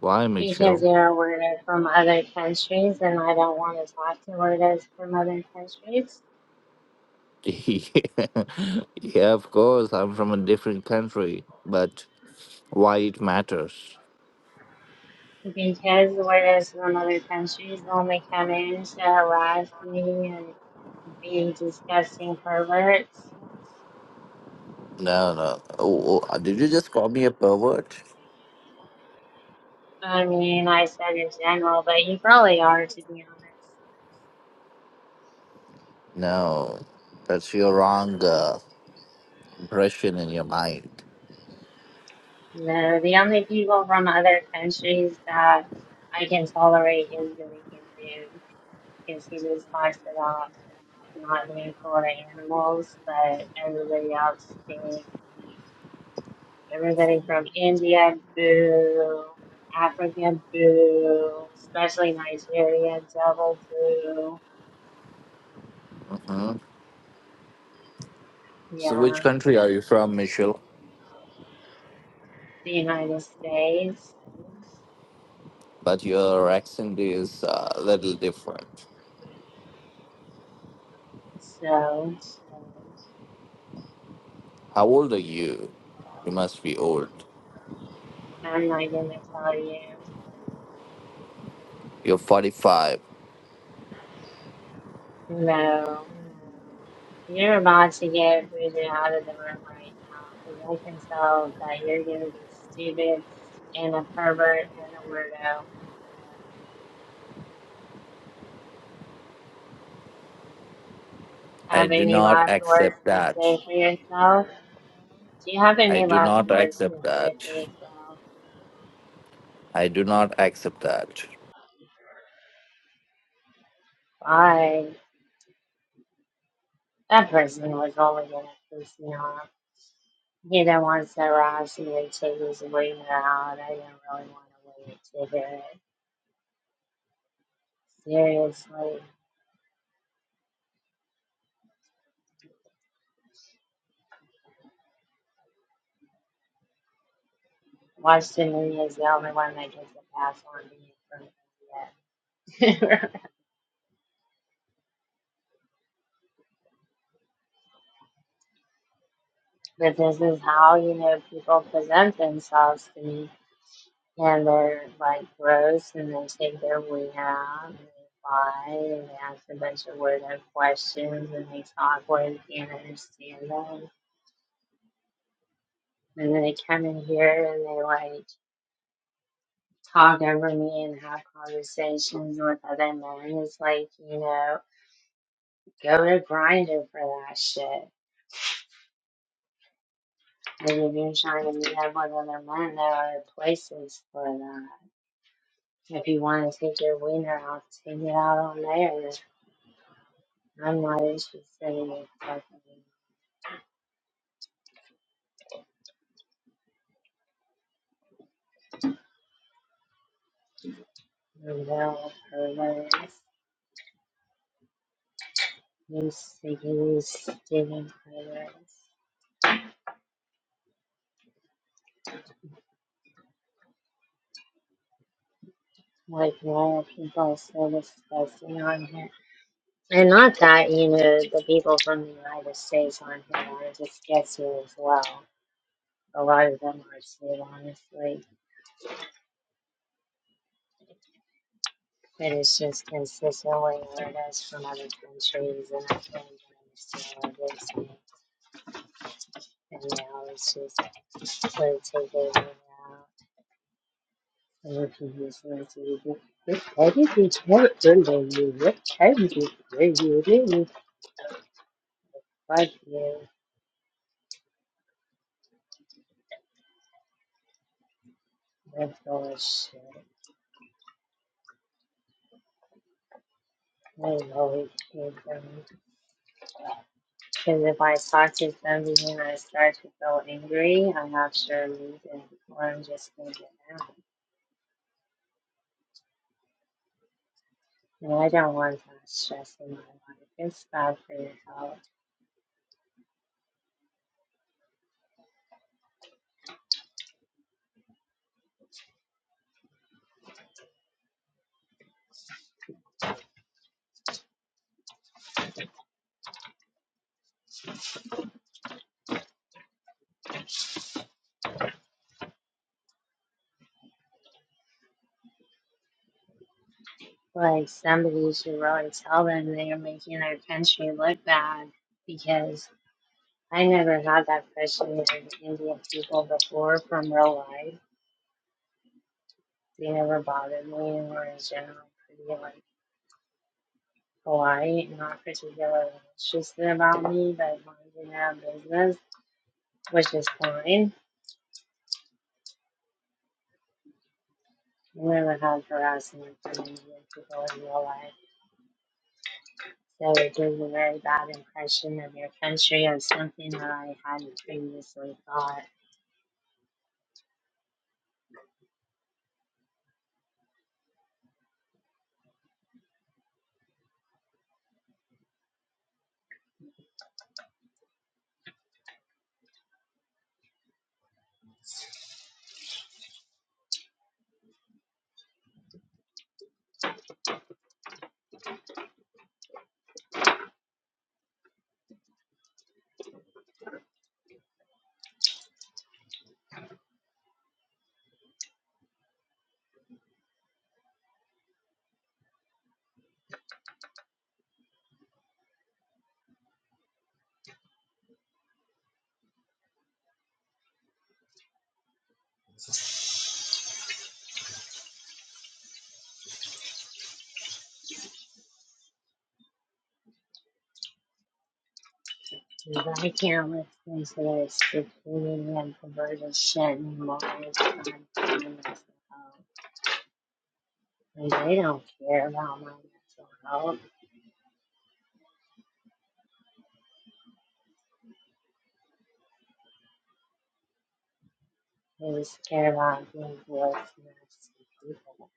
Speaker 8: Why Michael
Speaker 2: Because you're a weirdo from other countries and I don't want to talk to weirdos from other countries.
Speaker 8: yeah, of course, I'm from a different country, but why it matters?
Speaker 2: Because whereas in other countries will may come in to harass me and be disgusting perverts.
Speaker 8: No, no. Oh, oh, did you just call me a pervert?
Speaker 2: I mean, I said in general, but you probably are, to be honest.
Speaker 8: No, that's your wrong uh, impression in your mind.
Speaker 2: No, the only people from other countries that I can tolerate is the vegan dude, because he just talks about not being for the animals, but everybody else stinks. Everything from India, boo. Africa, boo. Especially Nigeria, double boo.
Speaker 8: Mhm. So, which
Speaker 2: Yeah.
Speaker 8: country are you from, Michelle?
Speaker 2: The United States.
Speaker 8: but your accent is uh, a little different.
Speaker 2: So,
Speaker 8: How old are you? You must be old.
Speaker 2: I'm not gonna tell you.
Speaker 8: You're 45.
Speaker 2: No. You're about to get booted out of the room right now. Because I can tell that you're gonna be stupid and a pervert and a weirdo.
Speaker 8: I
Speaker 2: Have
Speaker 8: do
Speaker 2: any
Speaker 8: not
Speaker 2: last words
Speaker 8: accept
Speaker 2: to
Speaker 8: that.
Speaker 2: say for yourself? Do you have
Speaker 8: I
Speaker 2: any
Speaker 8: do
Speaker 2: last
Speaker 8: not
Speaker 2: words to
Speaker 8: accept that.
Speaker 2: say for yourself?
Speaker 8: I do not accept that.
Speaker 2: I that person was only gonna piss me off. He didn't want to rush and they take his waiting out. I didn't really want to wait to hear it. Seriously. Washington is the only one that gets a pass on being from India. but this is how, you know, people present themselves to me and they're like gross and they take their wing out and they fly, and they ask a bunch of weird questions and they talk where you can't understand them And they come in here and they like talk over me and have conversations with other men. It's like, you know, go to grinder for that shit. And if you're trying to meet up with other men, there are places for that. If you want to take your wiener off, take it out on there. I'm not interested in fucking no perverts. You sicky, you skinny perverts. Like, why are people so disgusting on here? And not that, you know, the people from the United States aren't here. It just gets you as well. A lot of them are too, honestly. But it's just consistently where it is from other countries, and I can't even understand what it is. to And now it's just political over now. And what you just want to do. What can you do? What can you do? What can you do? What can you do? Fuck you. That's all shit. I know it. came from. Because if I talk to somebody and I start to feel angry, i have not sure reason, or I'm just going to get mad. And I don't want that stress in my life. It's bad for your health. Like, somebody should really tell them they are making their country look bad because I never had that question of Indian people before from real life. They never bothered me and were in general pretty, like, polite, not particularly interested about me, but minding their own business which is fine. I never had harassment from Indian people in real life. So it gives a very bad impression of your country as something that I hadn't previously thought. Because I can't listen to this stupidity and perverted shit anymore. It's time for my mental health. And they don't care about my mental health. They just care about being gross, nasty people.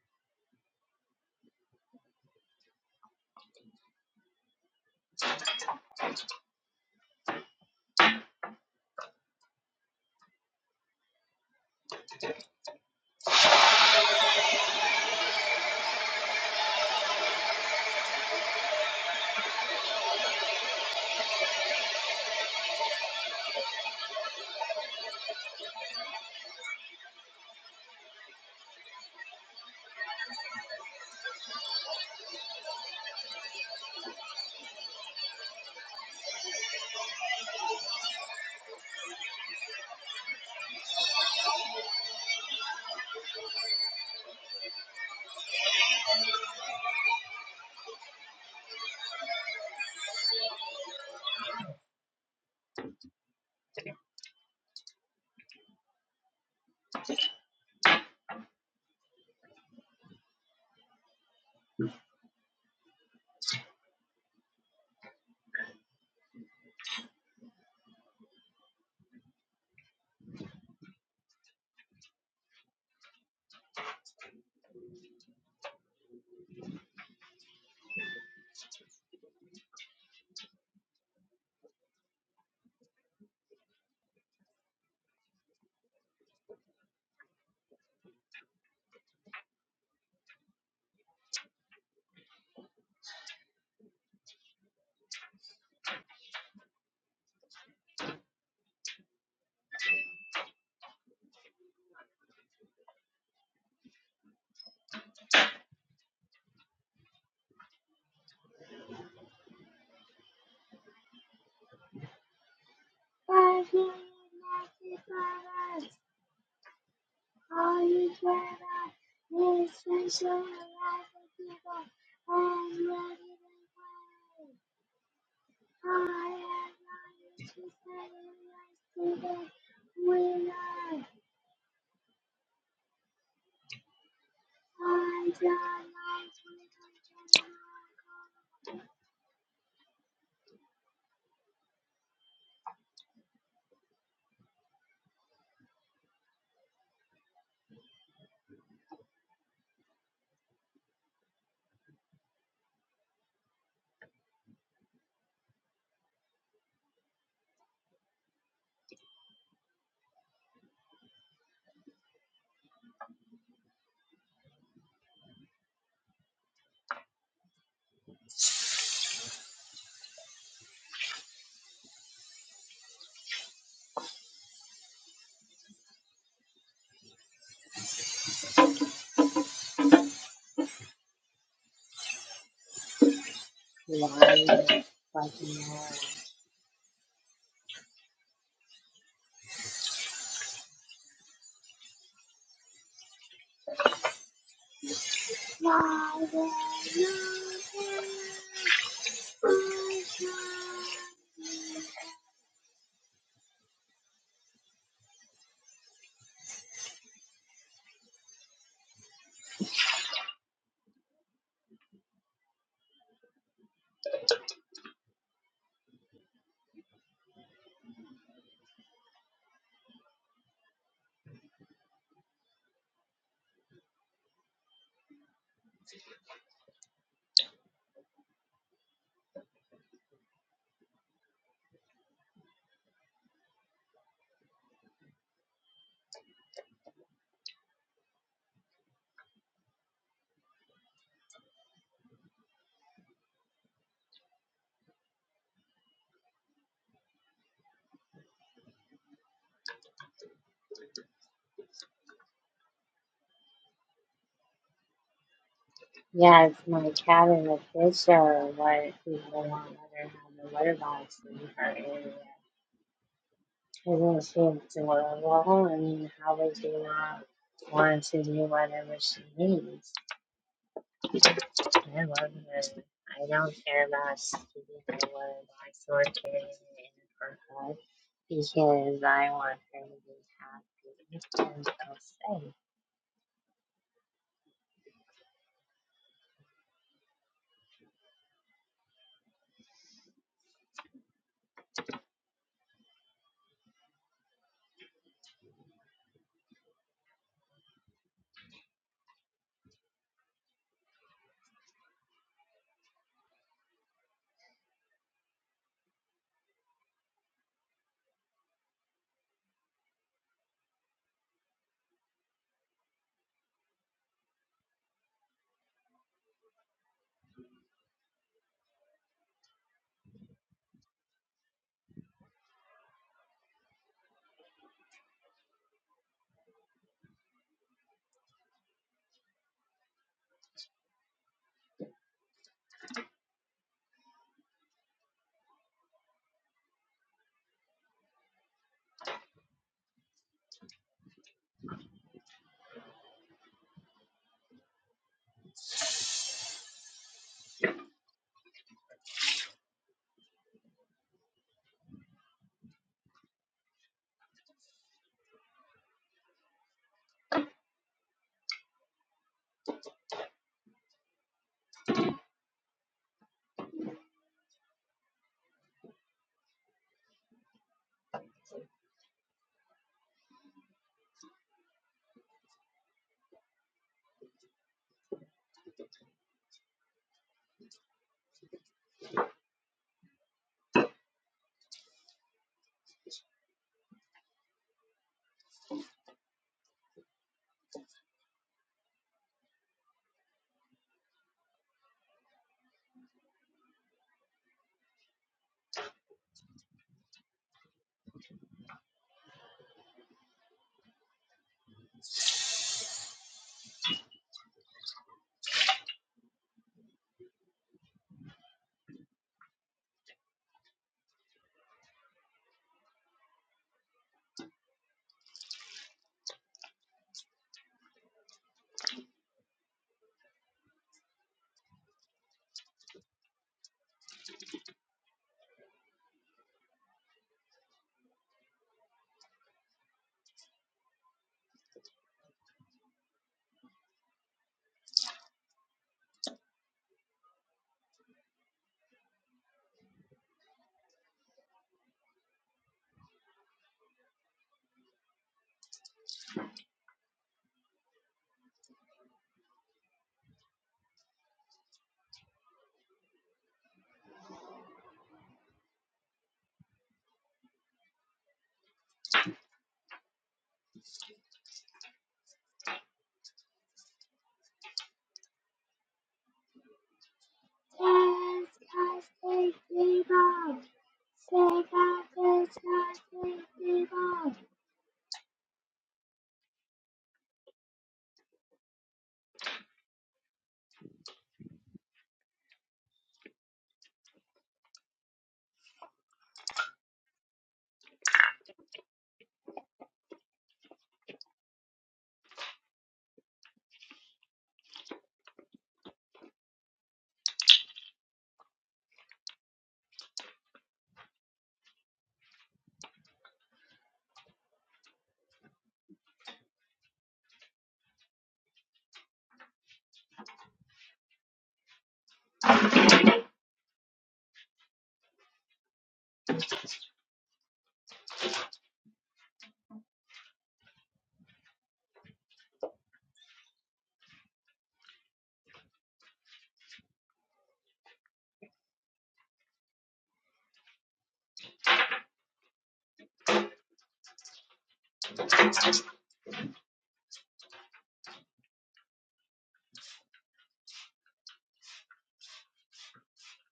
Speaker 2: Lying, fucking ass. Yeah, it's my cat in the picture, What people want, not let have the litter box in her area. Isn't she adorable? I mean, how would you not want to do whatever she needs? I love her. I don't care about keeping her litter box or carrying it in her head because I want her to be happy and feel safe.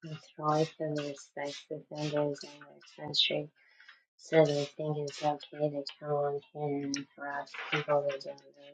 Speaker 2: It's hard for the sex offenders in this country So they think it's okay to come on here and harass people that don't know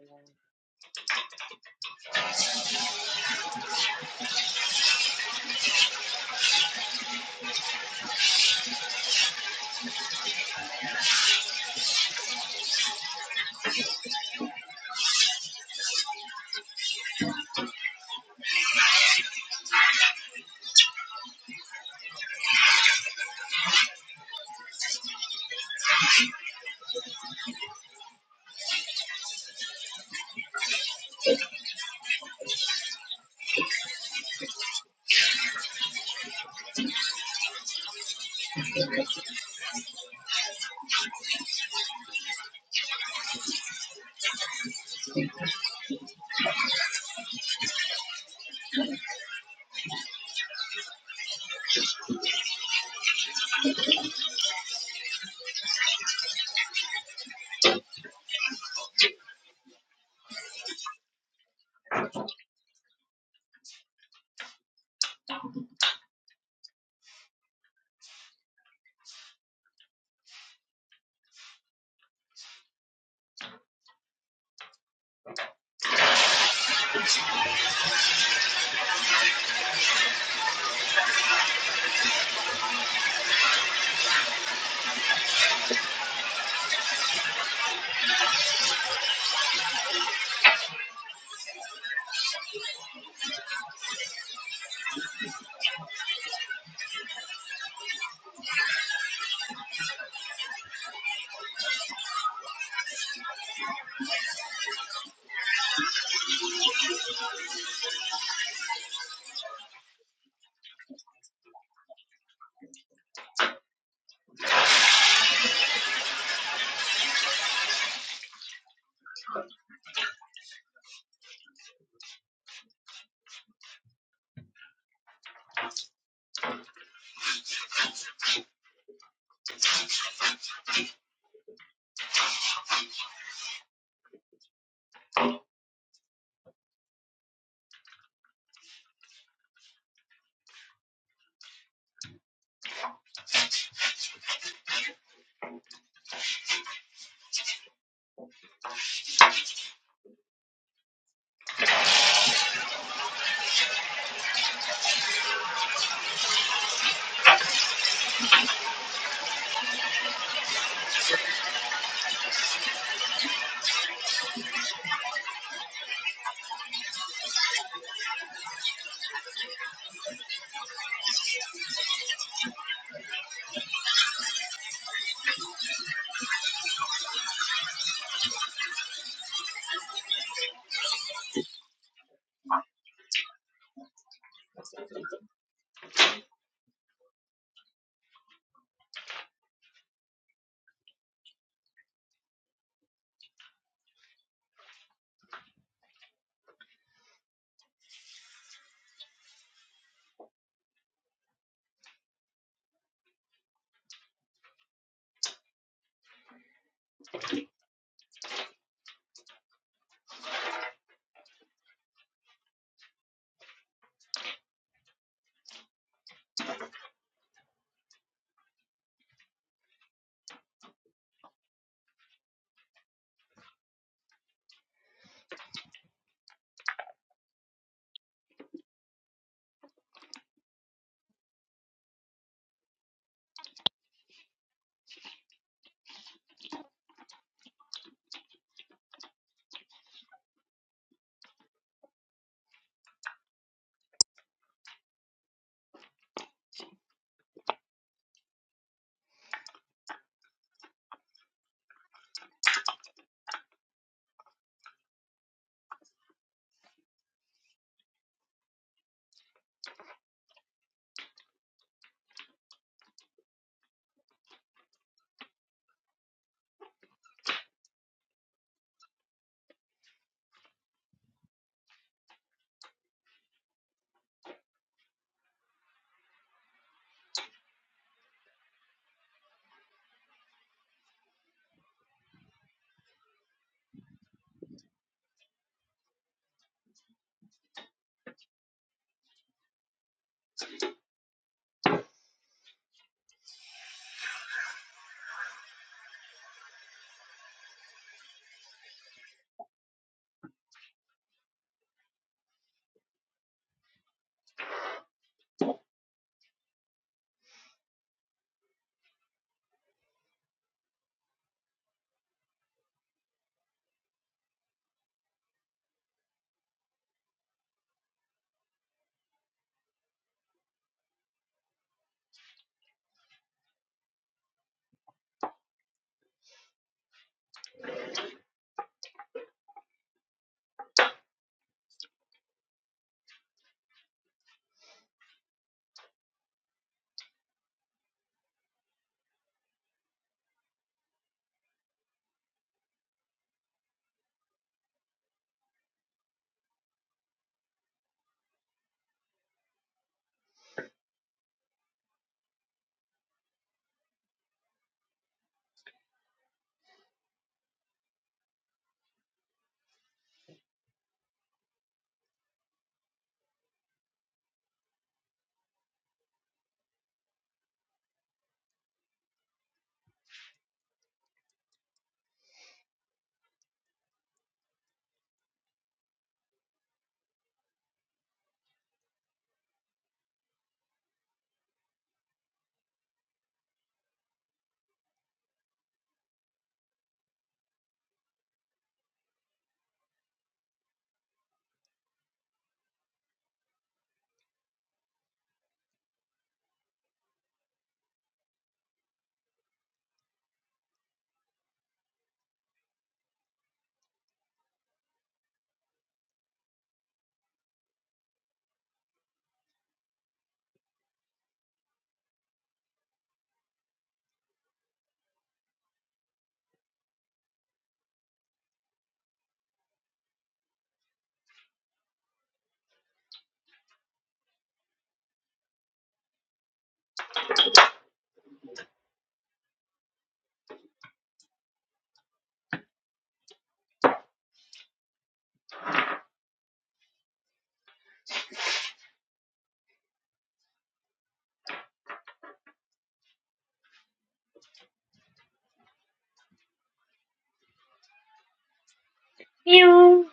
Speaker 2: Meow.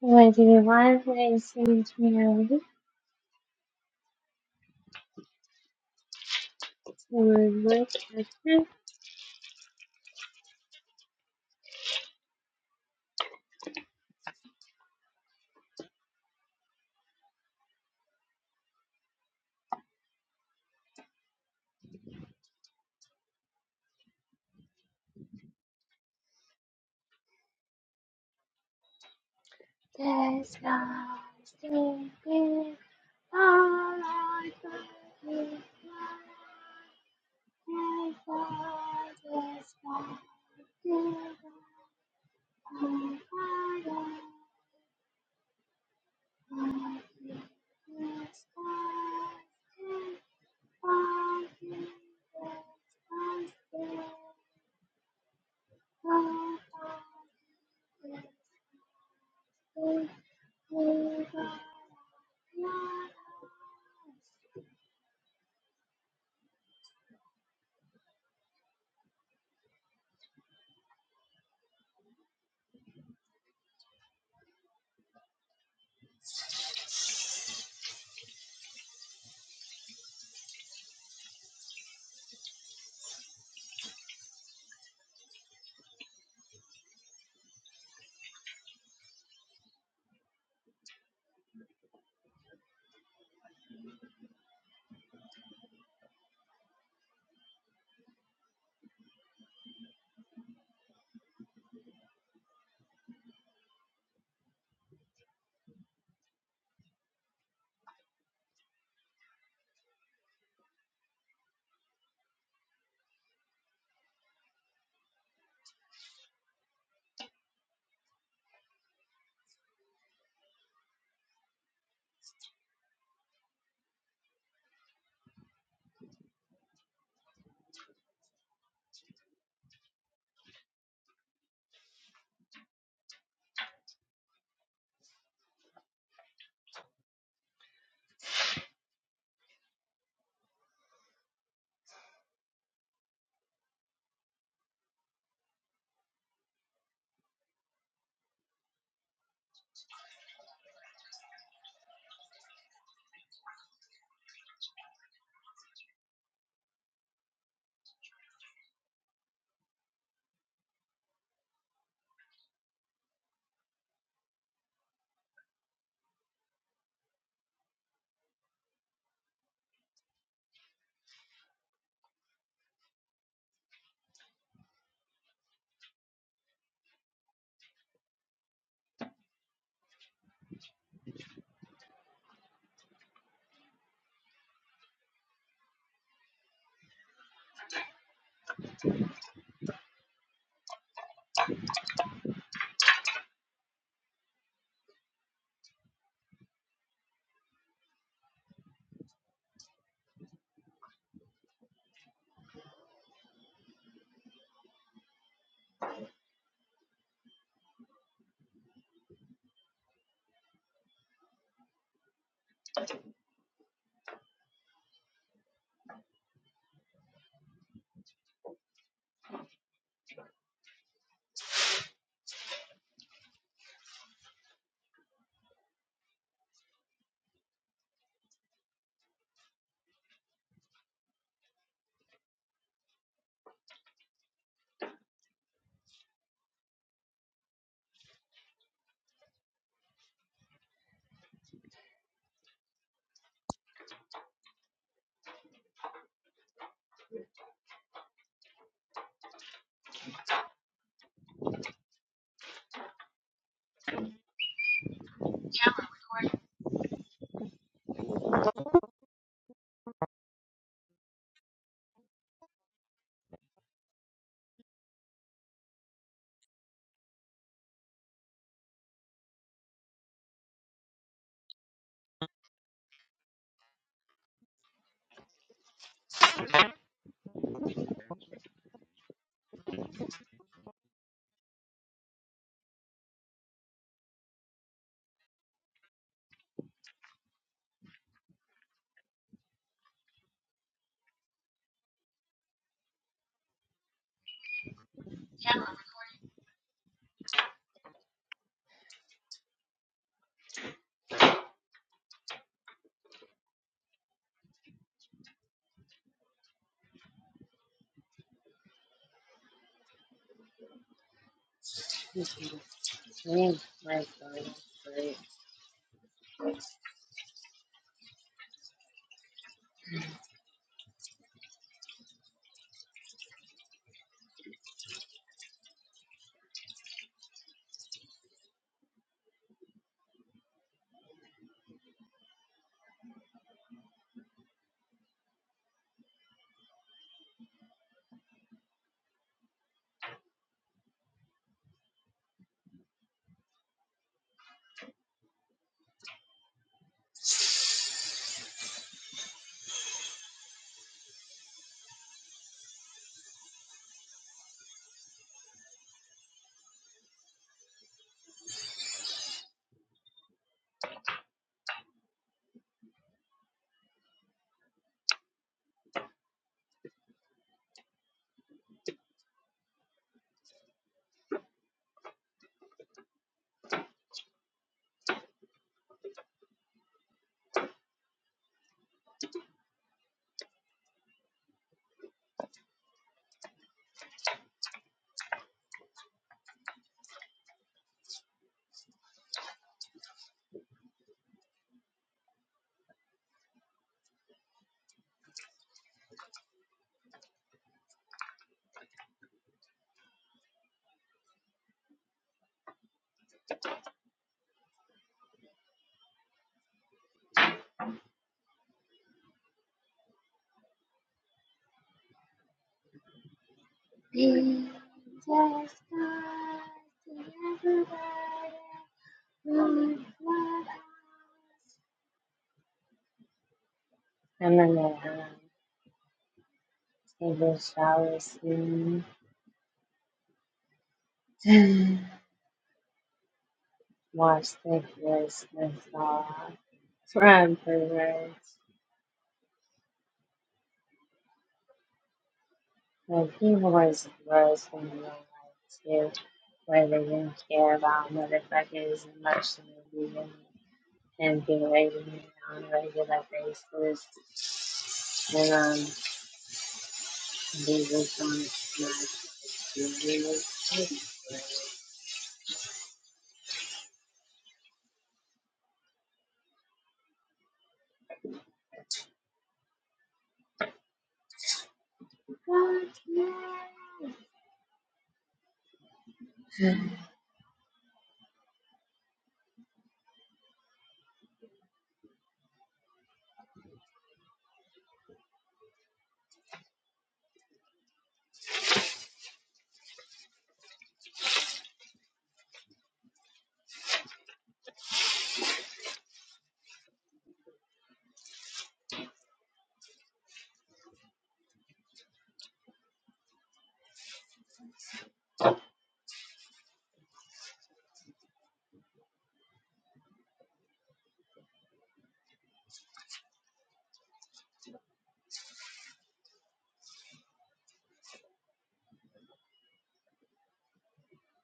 Speaker 2: What do you want? I send it to your link to look at them. This is strange, my God, great. I'm gonna uh, take a shower soon. watch the dishes and from perverts. Like people are just gross in real life too, where they didn't care about motherfuckers as much as they do in and be raising it on a regular basis. And um, be with my my community.